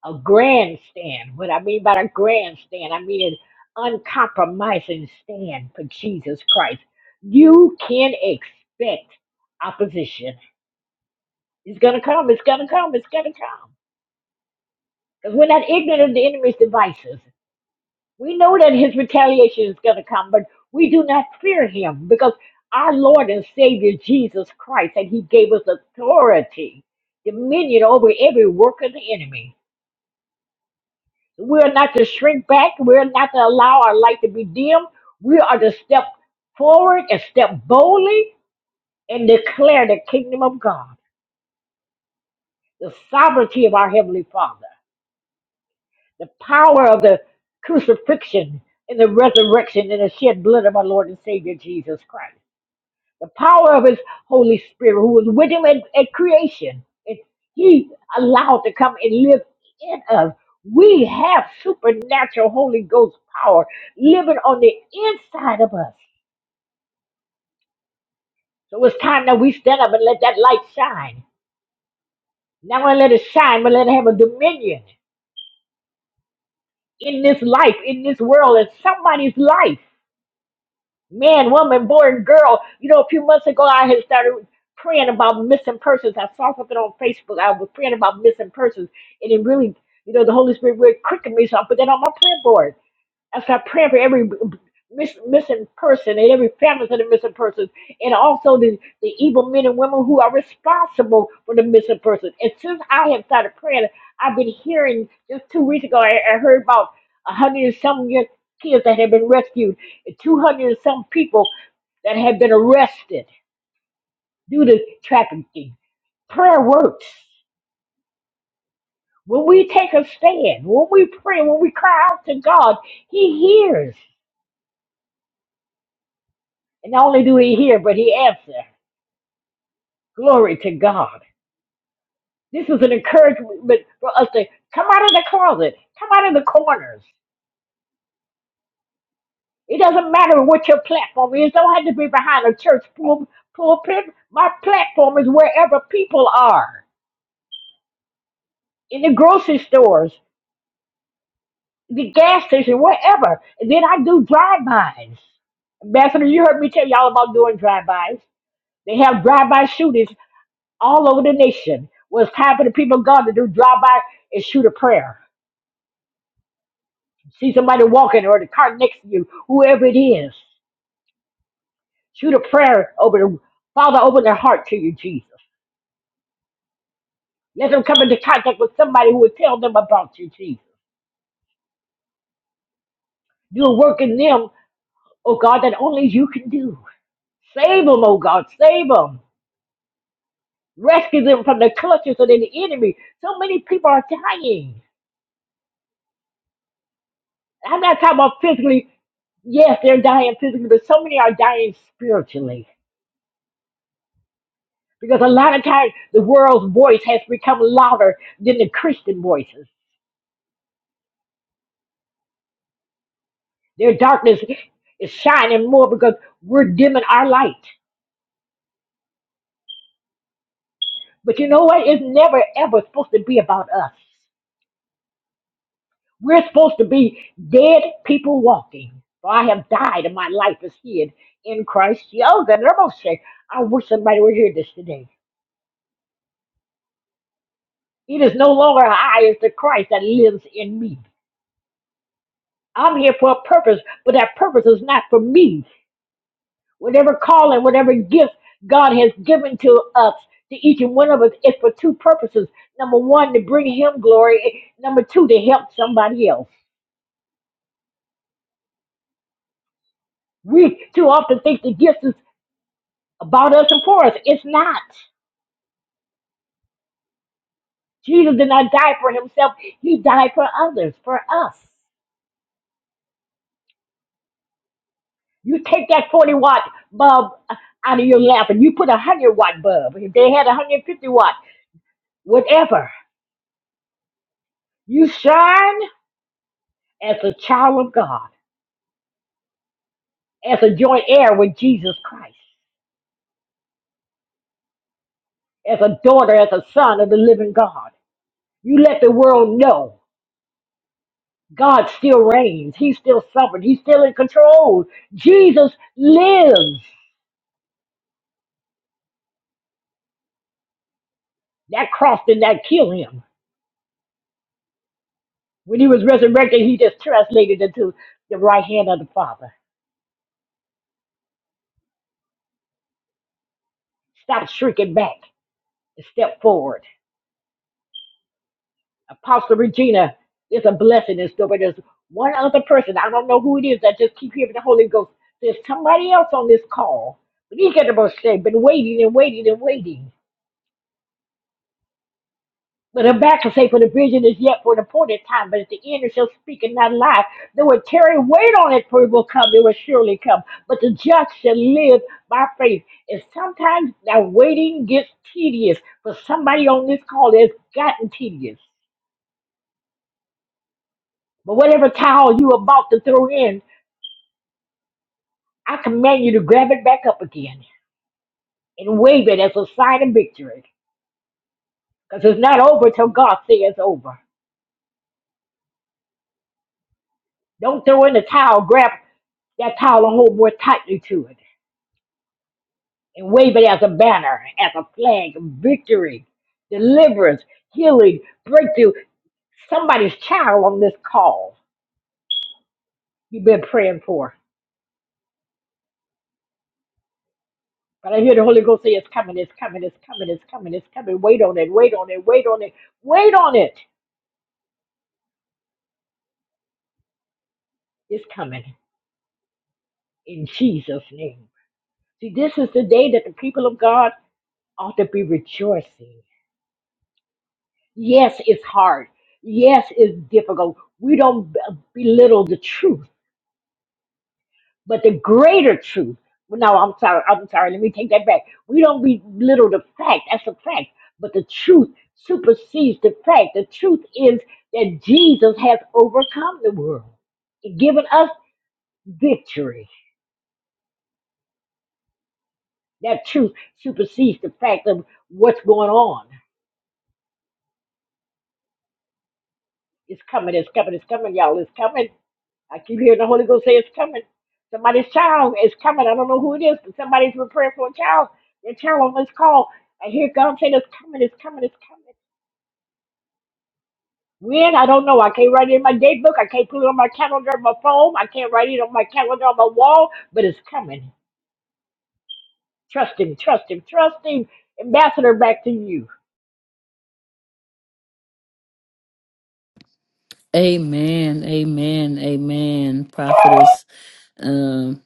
Speaker 2: a grandstand. What I mean by a grandstand, I mean an uncompromising stand for Jesus Christ. You can expect opposition. It's gonna come. It's gonna come. It's gonna come. Because we're not ignorant of the enemy's devices. We know that his retaliation is gonna come, but we do not fear him because our Lord and Savior Jesus Christ, and He gave us authority, dominion over every work of the enemy. We are not to shrink back. We are not to allow our light to be dim. We are to step forward and step boldly and declare the kingdom of God, the sovereignty of our Heavenly Father, the power of the crucifixion and the resurrection and the shed blood of our Lord and Savior Jesus Christ. the power of his Holy Spirit who was with him at, at creation. And he allowed to come and live in us. We have supernatural Holy Ghost power living on the inside of us. So it's time that we stand up and let that light shine. Not gonna let it shine, but let it have a dominion in this life, in this world, in somebody's life. man, woman, boy, and girl. You know, a few months ago, I had started praying about missing persons. I saw something on Facebook. I was praying about missing persons, and it really, you know, the Holy Spirit really quickened me, so I put that on my prayer board. I start praying for every miss, missing person and every family of the missing persons, and also the, the evil men and women who are responsible for the missing persons. And since I have started praying, I've been hearing just two weeks ago, I, I heard about a hundred and some young kids that have been rescued, and 200 and some people that have been arrested due to trafficking. Prayer works. When we take a stand, when we pray, when we cry out to God, He hears. And not only do He hear, but He answers. Glory to God. This is an encouragement for us to come out of the closet, come out of the corners. It doesn't matter what your platform is. Don't have to be behind a church pul- pulpit. My platform is wherever people are, in the grocery stores, the gas station, wherever. And then I do drive-bys. Ambassador, you heard me tell y'all about doing drive-bys. They have drive-by shootings all over the nation. Well, it's time for the people of God to do drive-by and shoot a prayer see somebody walking or the car next to you, whoever it is, shoot a prayer over the Father, open their heart to you, Jesus. Let them come into contact with somebody who will tell them about you, Jesus. Do a work in them, oh God, that only you can do. Save them, oh God, save them. Rescue them from the clutches of the enemy. So many people are dying. I'm not talking about physically. Yes, they're dying physically, but so many are dying spiritually. Because a lot of times the world's voice has become louder than the Christian voice. Their darkness is shining more because we're dimming our light. But you know what? It's never ever supposed to be about us. We're supposed to be dead people walking. For I have died and my life is hid in Christ. Jesus. And I'm gonna say, I wish somebody would hear this today. It is no longer I, it's the Christ that lives in me. I'm here for a purpose, but that purpose is not for me. whatever calling, whatever gift God has given to us, to each and one of us, is for two purposes. Number one, to bring Him glory. Number two, to help somebody else. We too often think the gift is about us and for us. It's not. Jesus did not die for Himself, He died for others, for us. You take that 40 watt bulb out of your lamp and you put a 100 watt bulb. If they had a 150 watt, whatever. You shine as a child of God. as a joint heir with Jesus Christ, as a daughter, as a son of the living God. You let the world know God still reigns, He's still sovereign, He's still in control. Jesus lives. That cross did not kill him. When he was resurrected, he just translated into the right hand of the Father. Stop shrinking back and step forward. Apostle Regina, there's a blessing in store, but there's one other person, I don't know who it is, I just keep hearing the Holy Ghost. There's somebody else on this call. But he got about say, been waiting and waiting and waiting. But her back will say, For the vision is yet for an appointed time, but at the end it shall speak and not lie. Though it tarry, wait on it, for it will come, it will surely come. But the just shall live by faith. And sometimes that waiting gets tedious. For somebody on this call, it's gotten tedious. But whatever towel you about to throw in, I command you to grab it back up again and wave it as a sign of victory. Because it's not over till God says it's over. Don't throw in the towel. Grab that towel and hold more tightly to it and wave it as a banner, as a flag of victory, deliverance, healing, breakthrough. Somebody's child on this call you've been praying for. But I hear the Holy Ghost say, It's coming, it's coming, it's coming, it's coming, it's coming. Wait on it, wait on it, wait on it, wait on it. It's coming in Jesus' name. See, this is the day that the people of God ought to be rejoicing. Yes, it's hard. Yes, it's difficult. We don't b- belittle the truth, but the greater truth. No, I'm sorry. I'm sorry. Let me take that back. We don't belittle the fact. That's a fact. But the truth supersedes the fact. The truth is that Jesus has overcome the world, and given us victory. That truth supersedes the fact of what's going on. It's coming, it's coming, it's coming, y'all. It's coming. I keep hearing the Holy Ghost say it's coming. Somebody's child is coming. I don't know who it is, but somebody's been praying for a child. Their child on this call. I hear God saying it's coming, it's coming, it's coming. When? I don't know. I can't write it in my daybook. I can't put it on my calendar on my phone. I can't write it on my calendar on my wall, but it's coming. Trust Him, trust Him, trust Him. Ambassador, back to you.
Speaker 1: Amen. Amen. Amen. Prophetess. um,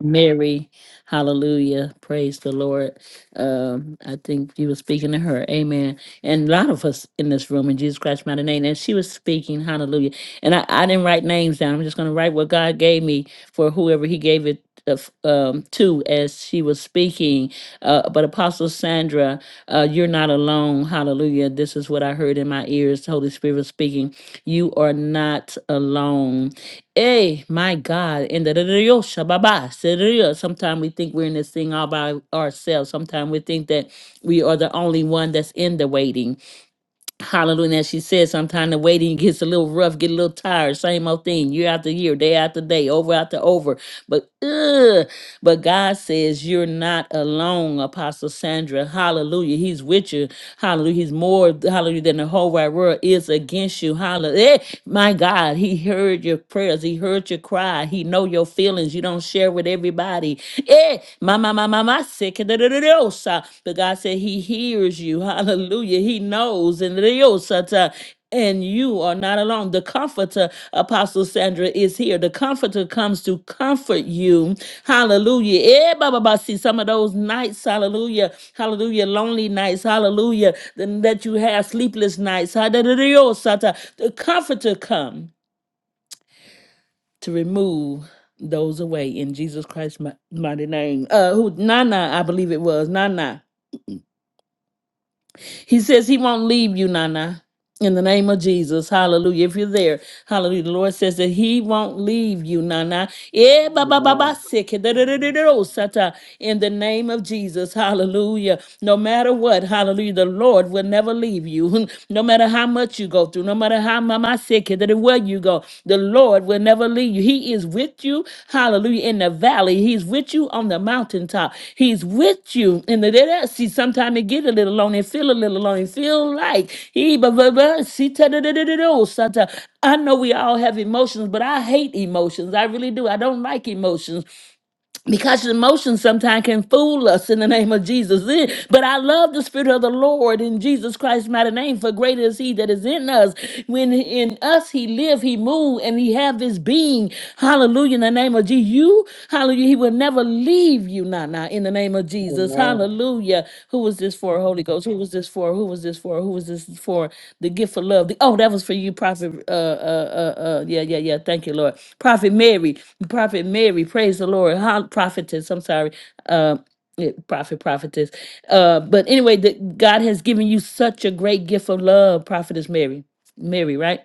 Speaker 1: Mary, hallelujah, praise the Lord. Um, I think you were speaking to her, amen. And a lot of us in this room in Jesus Christ's mighty name, and she was speaking, hallelujah. And I, I didn't write names down, I'm just going to write what God gave me for whoever He gave it. of- Um, to as she was speaking, uh, but Apostle Sandra, uh, you're not alone. Hallelujah. This is what I heard in my ears. The Holy Spirit was speaking. You are not alone. Hey, my God. And the the Sometimes we think we're in this thing all by ourselves. Sometimes we think that we are the only one that's in the waiting. Hallelujah. And as she said, sometimes the waiting gets a little rough, get a little tired. Same old thing, year after year, day after day, over after over. But ugh, but God says you're not alone, Apostle Sandra. Hallelujah. He's with you. Hallelujah. He's more, hallelujah, than the whole wide world is against you. Hallelujah. My God, he heard your prayers. He heard your cry. He know your feelings. You don't share with everybody. Eh, my, my, my, my, my, sick. da, da, da, da, oh, sa. But God said he hears you. *laughs* Hallelujah. He knows. And da, da, da, oh, sa, ta. and you are not alone. The comforter comforter, Apostle Sandra, is here. The comforter comes to comfort you. Hallelujah. Eh, ba, ba, ba. See some of those nights, hallelujah, hallelujah, lonely nights, hallelujah, then that you have sleepless nights. hallelujah, sata. The comforter come to remove those away in Jesus Christ's mi- mighty name. Uh who Nana, I believe it was Nana. He says he won't leave you, Nana. In the name of Jesus, hallelujah. If you're there, hallelujah. The Lord says that He won't leave you, Nana. Eh, ba, ba, ba, ba,
Speaker 7: Amen.
Speaker 1: sick, eh, da, da, da, da, da, oh, sata. In the name of Jesus, hallelujah. No matter what, hallelujah, the Lord will never leave you. *laughs* No matter how much you go through, no matter how mama sick, eh, da, da, where you go, the. Lord will never leave you. He is with you, hallelujah, in the valley. He's with you on the mountaintop. He's with you in the dead. See, sometimes it get a little lonely, feel a little lonely, feel like he blah, blah, blah, see, ta, da, da, da, da, da, sata. I know we all have emotions, but I hate emotions. I really do. I don't like emotions because your emotions sometimes can fool us in the name of Jesus. Eh, But I love the Spirit of the Lord in Jesus Christ's mighty name, for greater is He that is in us. When in us He live, He move, and He have His being. Hallelujah, in the name of Jesus. You, hallelujah, He will never leave you, now, now, in the name of Jesus.
Speaker 7: Amen.
Speaker 1: Hallelujah. Who is this? this for, Holy Ghost? Who was this for? Who was this for? Who was this for? The gift of love. The, oh, that was for you, Prophet. Uh, uh, uh, uh, yeah, yeah, yeah. Thank you, Lord. Prophet Mary, Prophet Mary. Praise the Lord. Hol- prophetess. I'm sorry. Uh, yeah, prophet, prophetess. Uh, but anyway, that God has given you such a great gift of love, Prophetess Mary. Mary, right?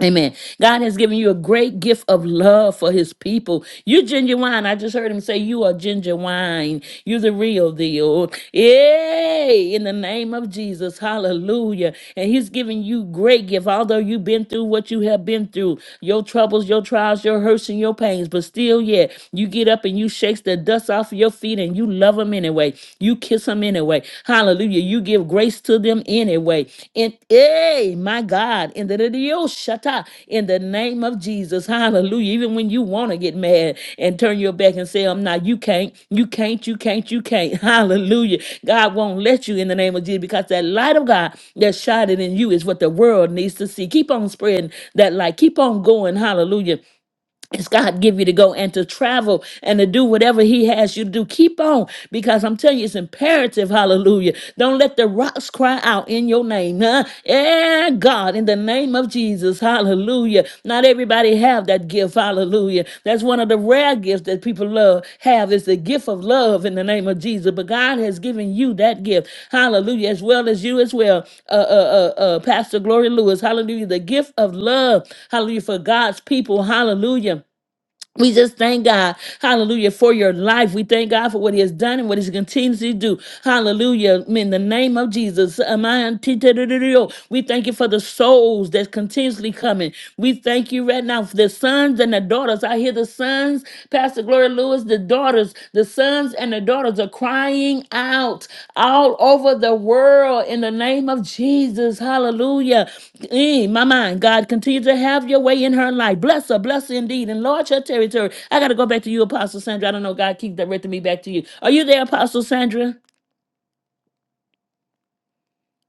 Speaker 1: Amen. God has given you a great gift of love for his people. You're ginger wine. I just heard him say you are ginger wine. You're the real deal. Yay! In the name of Jesus. Hallelujah. And he's giving you great gift. Although you've been through what you have been through, your troubles, your trials, your hurts, and your pains, but still yet, you get up and you shakes the dust off your feet and you love him anyway. You kiss kiss them anyway. Hallelujah. You give grace to them anyway. And hey, my God, in the shata, in the name of Jesus. Hallelujah. Even when you want to get mad and turn your back and say, I'm not, you can't, you can't, you can't, you can't. *laughs* Hallelujah. God won't let you in the name of Jesus because that light of God that shining in you is what the world needs to see. Keep on spreading that light. Keep on going. Hallelujah it's God give you to go and to travel and to do whatever He has you to do. Keep on because I'm telling you, it's imperative. Hallelujah. Don't let the rocks cry out in your name. Huh? Yeah, God, in the name of Jesus. Hallelujah. Not everybody have that gift. Hallelujah. That's one of the rare gifts that people love have is the gift of love in the name of Jesus. But God has given you that gift. Hallelujah. As well as you as well. Uh, uh, uh, uh, Pastor Gloria Lewis. Hallelujah. The gift of love. Hallelujah. For God's people. Hallelujah. We just thank God, hallelujah, for your life. We thank God for what He has done and what He continues to do. Hallelujah. In the name of Jesus. Am I on TTRRRO? We thank you for the souls that's continuously coming. We thank you right now for the sons and the daughters. I hear the sons, Pastor Gloria Lewis, the daughters. The sons and the daughters are crying out all over the world in the name of Jesus. Hallelujah. Eh, my mind, God, continue to have your way in her life. Bless her, bless her indeed. Enlarge her territory. I got to go back to you, Apostle Sandra. I don't know. God keep directing me back to you. Are you there, Apostle Sandra?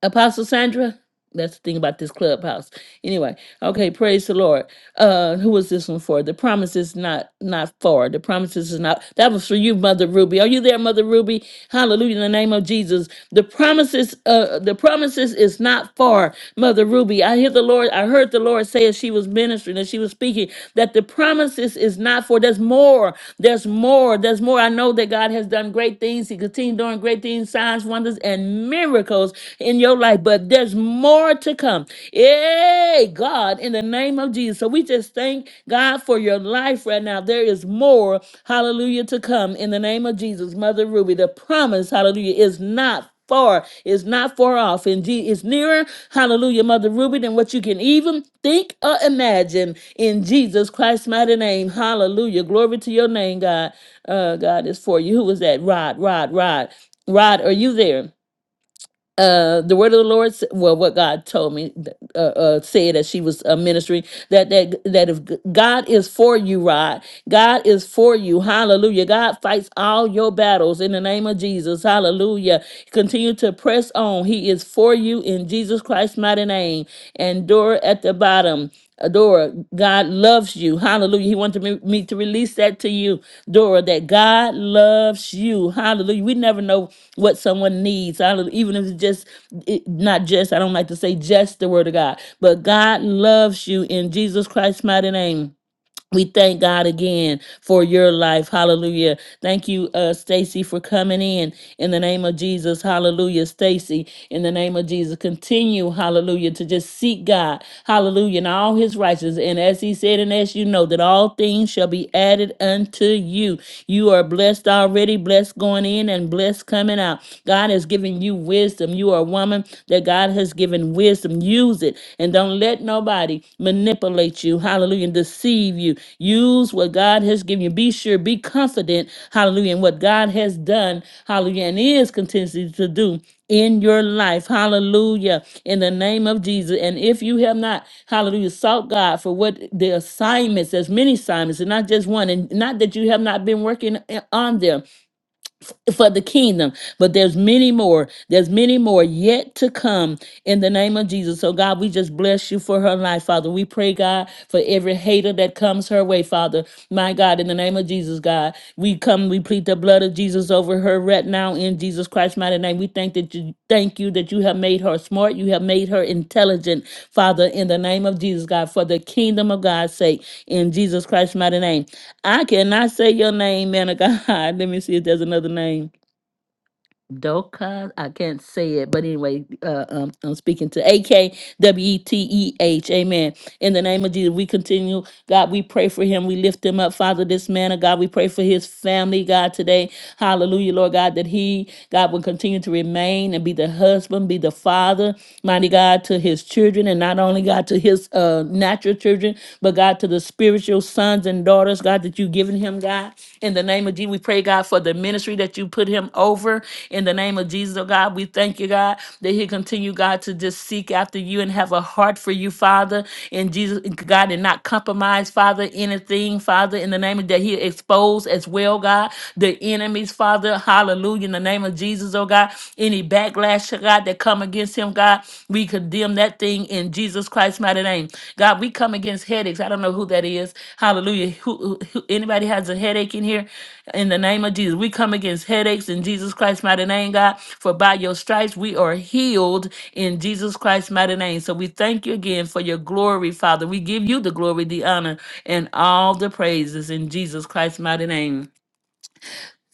Speaker 1: Apostle Sandra? That's the thing about this clubhouse. Anyway, okay, praise the Lord uh who was this one for the promise is not not for the promises is not that was for you mother ruby are you there mother ruby hallelujah in the name of jesus the promises uh the promises is not for mother ruby i hear the lord i heard the lord say as she was ministering as she was speaking that the promises is not for there's more there's more there's more i know that god has done great things he continued doing great things signs wonders and miracles in your life but there's more to to come. Hey, God, in the name of Jesus. So we just thank God for your life right now. There is more, hallelujah, to come in the name of Jesus. Mother Ruby, the promise, hallelujah, is not far is not far off indeed it's nearer hallelujah mother ruby than what you can even think or imagine in jesus christ's mighty name hallelujah glory to your name god uh god is for you who was that rod rod rod rod are you there uh the word of the lord s- well what god told me th- uh, uh said as she was uh, ministering that that that if g- god is for you rod god is for you hallelujah god fights all your battles in the name of jesus hallelujah continue to press on he is for you in jesus christ's mighty name endure at the bottom Dora, God loves you. Hallelujah. He wanted me, me to release that to you, Dora, that God loves you. Hallelujah. We never know what someone needs. Hallelujah. Even if it's just, it- not just, I don't like to say just the word of God, but God loves you in Jesus Christ's mighty name we thank God again for your life. Hallelujah. Thank you, uh, Stacy, for coming in. In the name of Jesus. Hallelujah. Stacy, in the name of Jesus. Continue, hallelujah, to just seek God. Hallelujah. And all his righteousness. And as he said, and as you know, that all things shall be added unto you. You are blessed already, blessed going in and blessed coming out. God has given you wisdom. You are a woman that God has just given wisdom. Use it and don't let nobody manipulate you. Hallelujah. And deceive you. Use what God has given you. Be sure, be confident. Hallelujah. And what God has done. Hallelujah. And is continuing to do in your life. Hallelujah. In the name of Jesus. And if you have not, hallelujah, sought God for what the assignments, there's many assignments and not just one, and not that you have not been working on them, for the kingdom but there's many more there's many more yet to come in the name of jesus so god we just bless you for her life father we pray god for every hater that comes her way father my god in the name of jesus god we come we plead the blood of jesus over her right now in jesus christ's mighty name we thank that you thank you that you have made her smart you have made her intelligent father in the name of jesus god for the kingdom of god's sake in jesus christ's mighty name I cannot say your name, man of God. *laughs* Let me see if there's another name. Doka, I can't say it, but anyway, uh, um, I'm speaking to A K W E T E H. Amen. In the name of Jesus, we continue. God, we pray for him. We lift him up, Father, this man of God. We pray for his family, God, today. Hallelujah, Lord God, that he, God, will continue to remain and be the husband, be the father, mighty God, to his children, and not only, God, to his uh, natural children, but God, to the spiritual sons and daughters, God, that you've given him, God. In the name of Jesus, we pray, God, for the ministry that you put him over. In the name of Jesus, oh God, we thank you, God, that he continue, God, to just seek after you and have a heart for you, Father. In Jesus, God, and not compromise, Father, anything, Father, in the name of that he expose as well, God, the enemies, Father. Hallelujah. In the name of Jesus, oh God, any backlash, oh God, that come against him, God, we condemn condemn that thing in Jesus Christ's mighty name. God, we come against headaches. I don't know who that is. Hallelujah. Who, who, who- anybody has a headache in here? In the name of Jesus, we come against headaches in Jesus Christ's mighty name, God. For by your stripes we are healed in Jesus Christ's mighty name. So we thank you again for your glory, Father. We give you the glory, the honor, and all the praises in Jesus Christ's mighty name.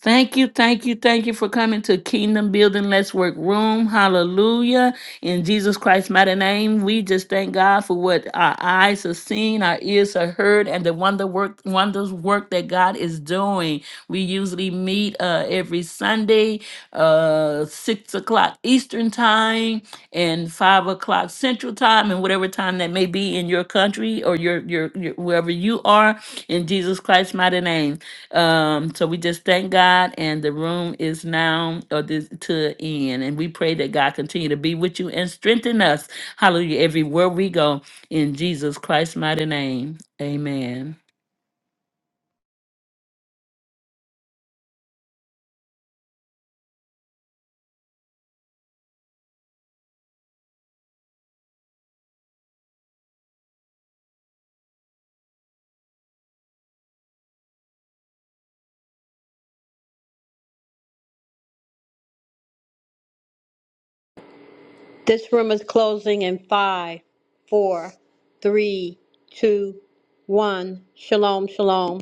Speaker 1: Thank you, thank you, thank you for coming to Kingdom Building Let's Work Room. Hallelujah. In Jesus Christ's mighty name, we just thank God for what our eyes have seen, our ears have heard, and the wonder work, wonders work that God is doing. We usually meet uh, every Sunday, uh, 6 o'clock Eastern Time and 5 o'clock Central Time, and whatever time that may be in your country or your, your, your wherever you are, in Jesus Christ's mighty name. Um, so we just thank God, and the room is now or this to end. And we pray that God continue to be with you and strengthen us. Hallelujah. Everywhere we go in Jesus Christ's mighty name. Amen.
Speaker 5: This room is closing in five, four, three, two, one. Shalom, shalom.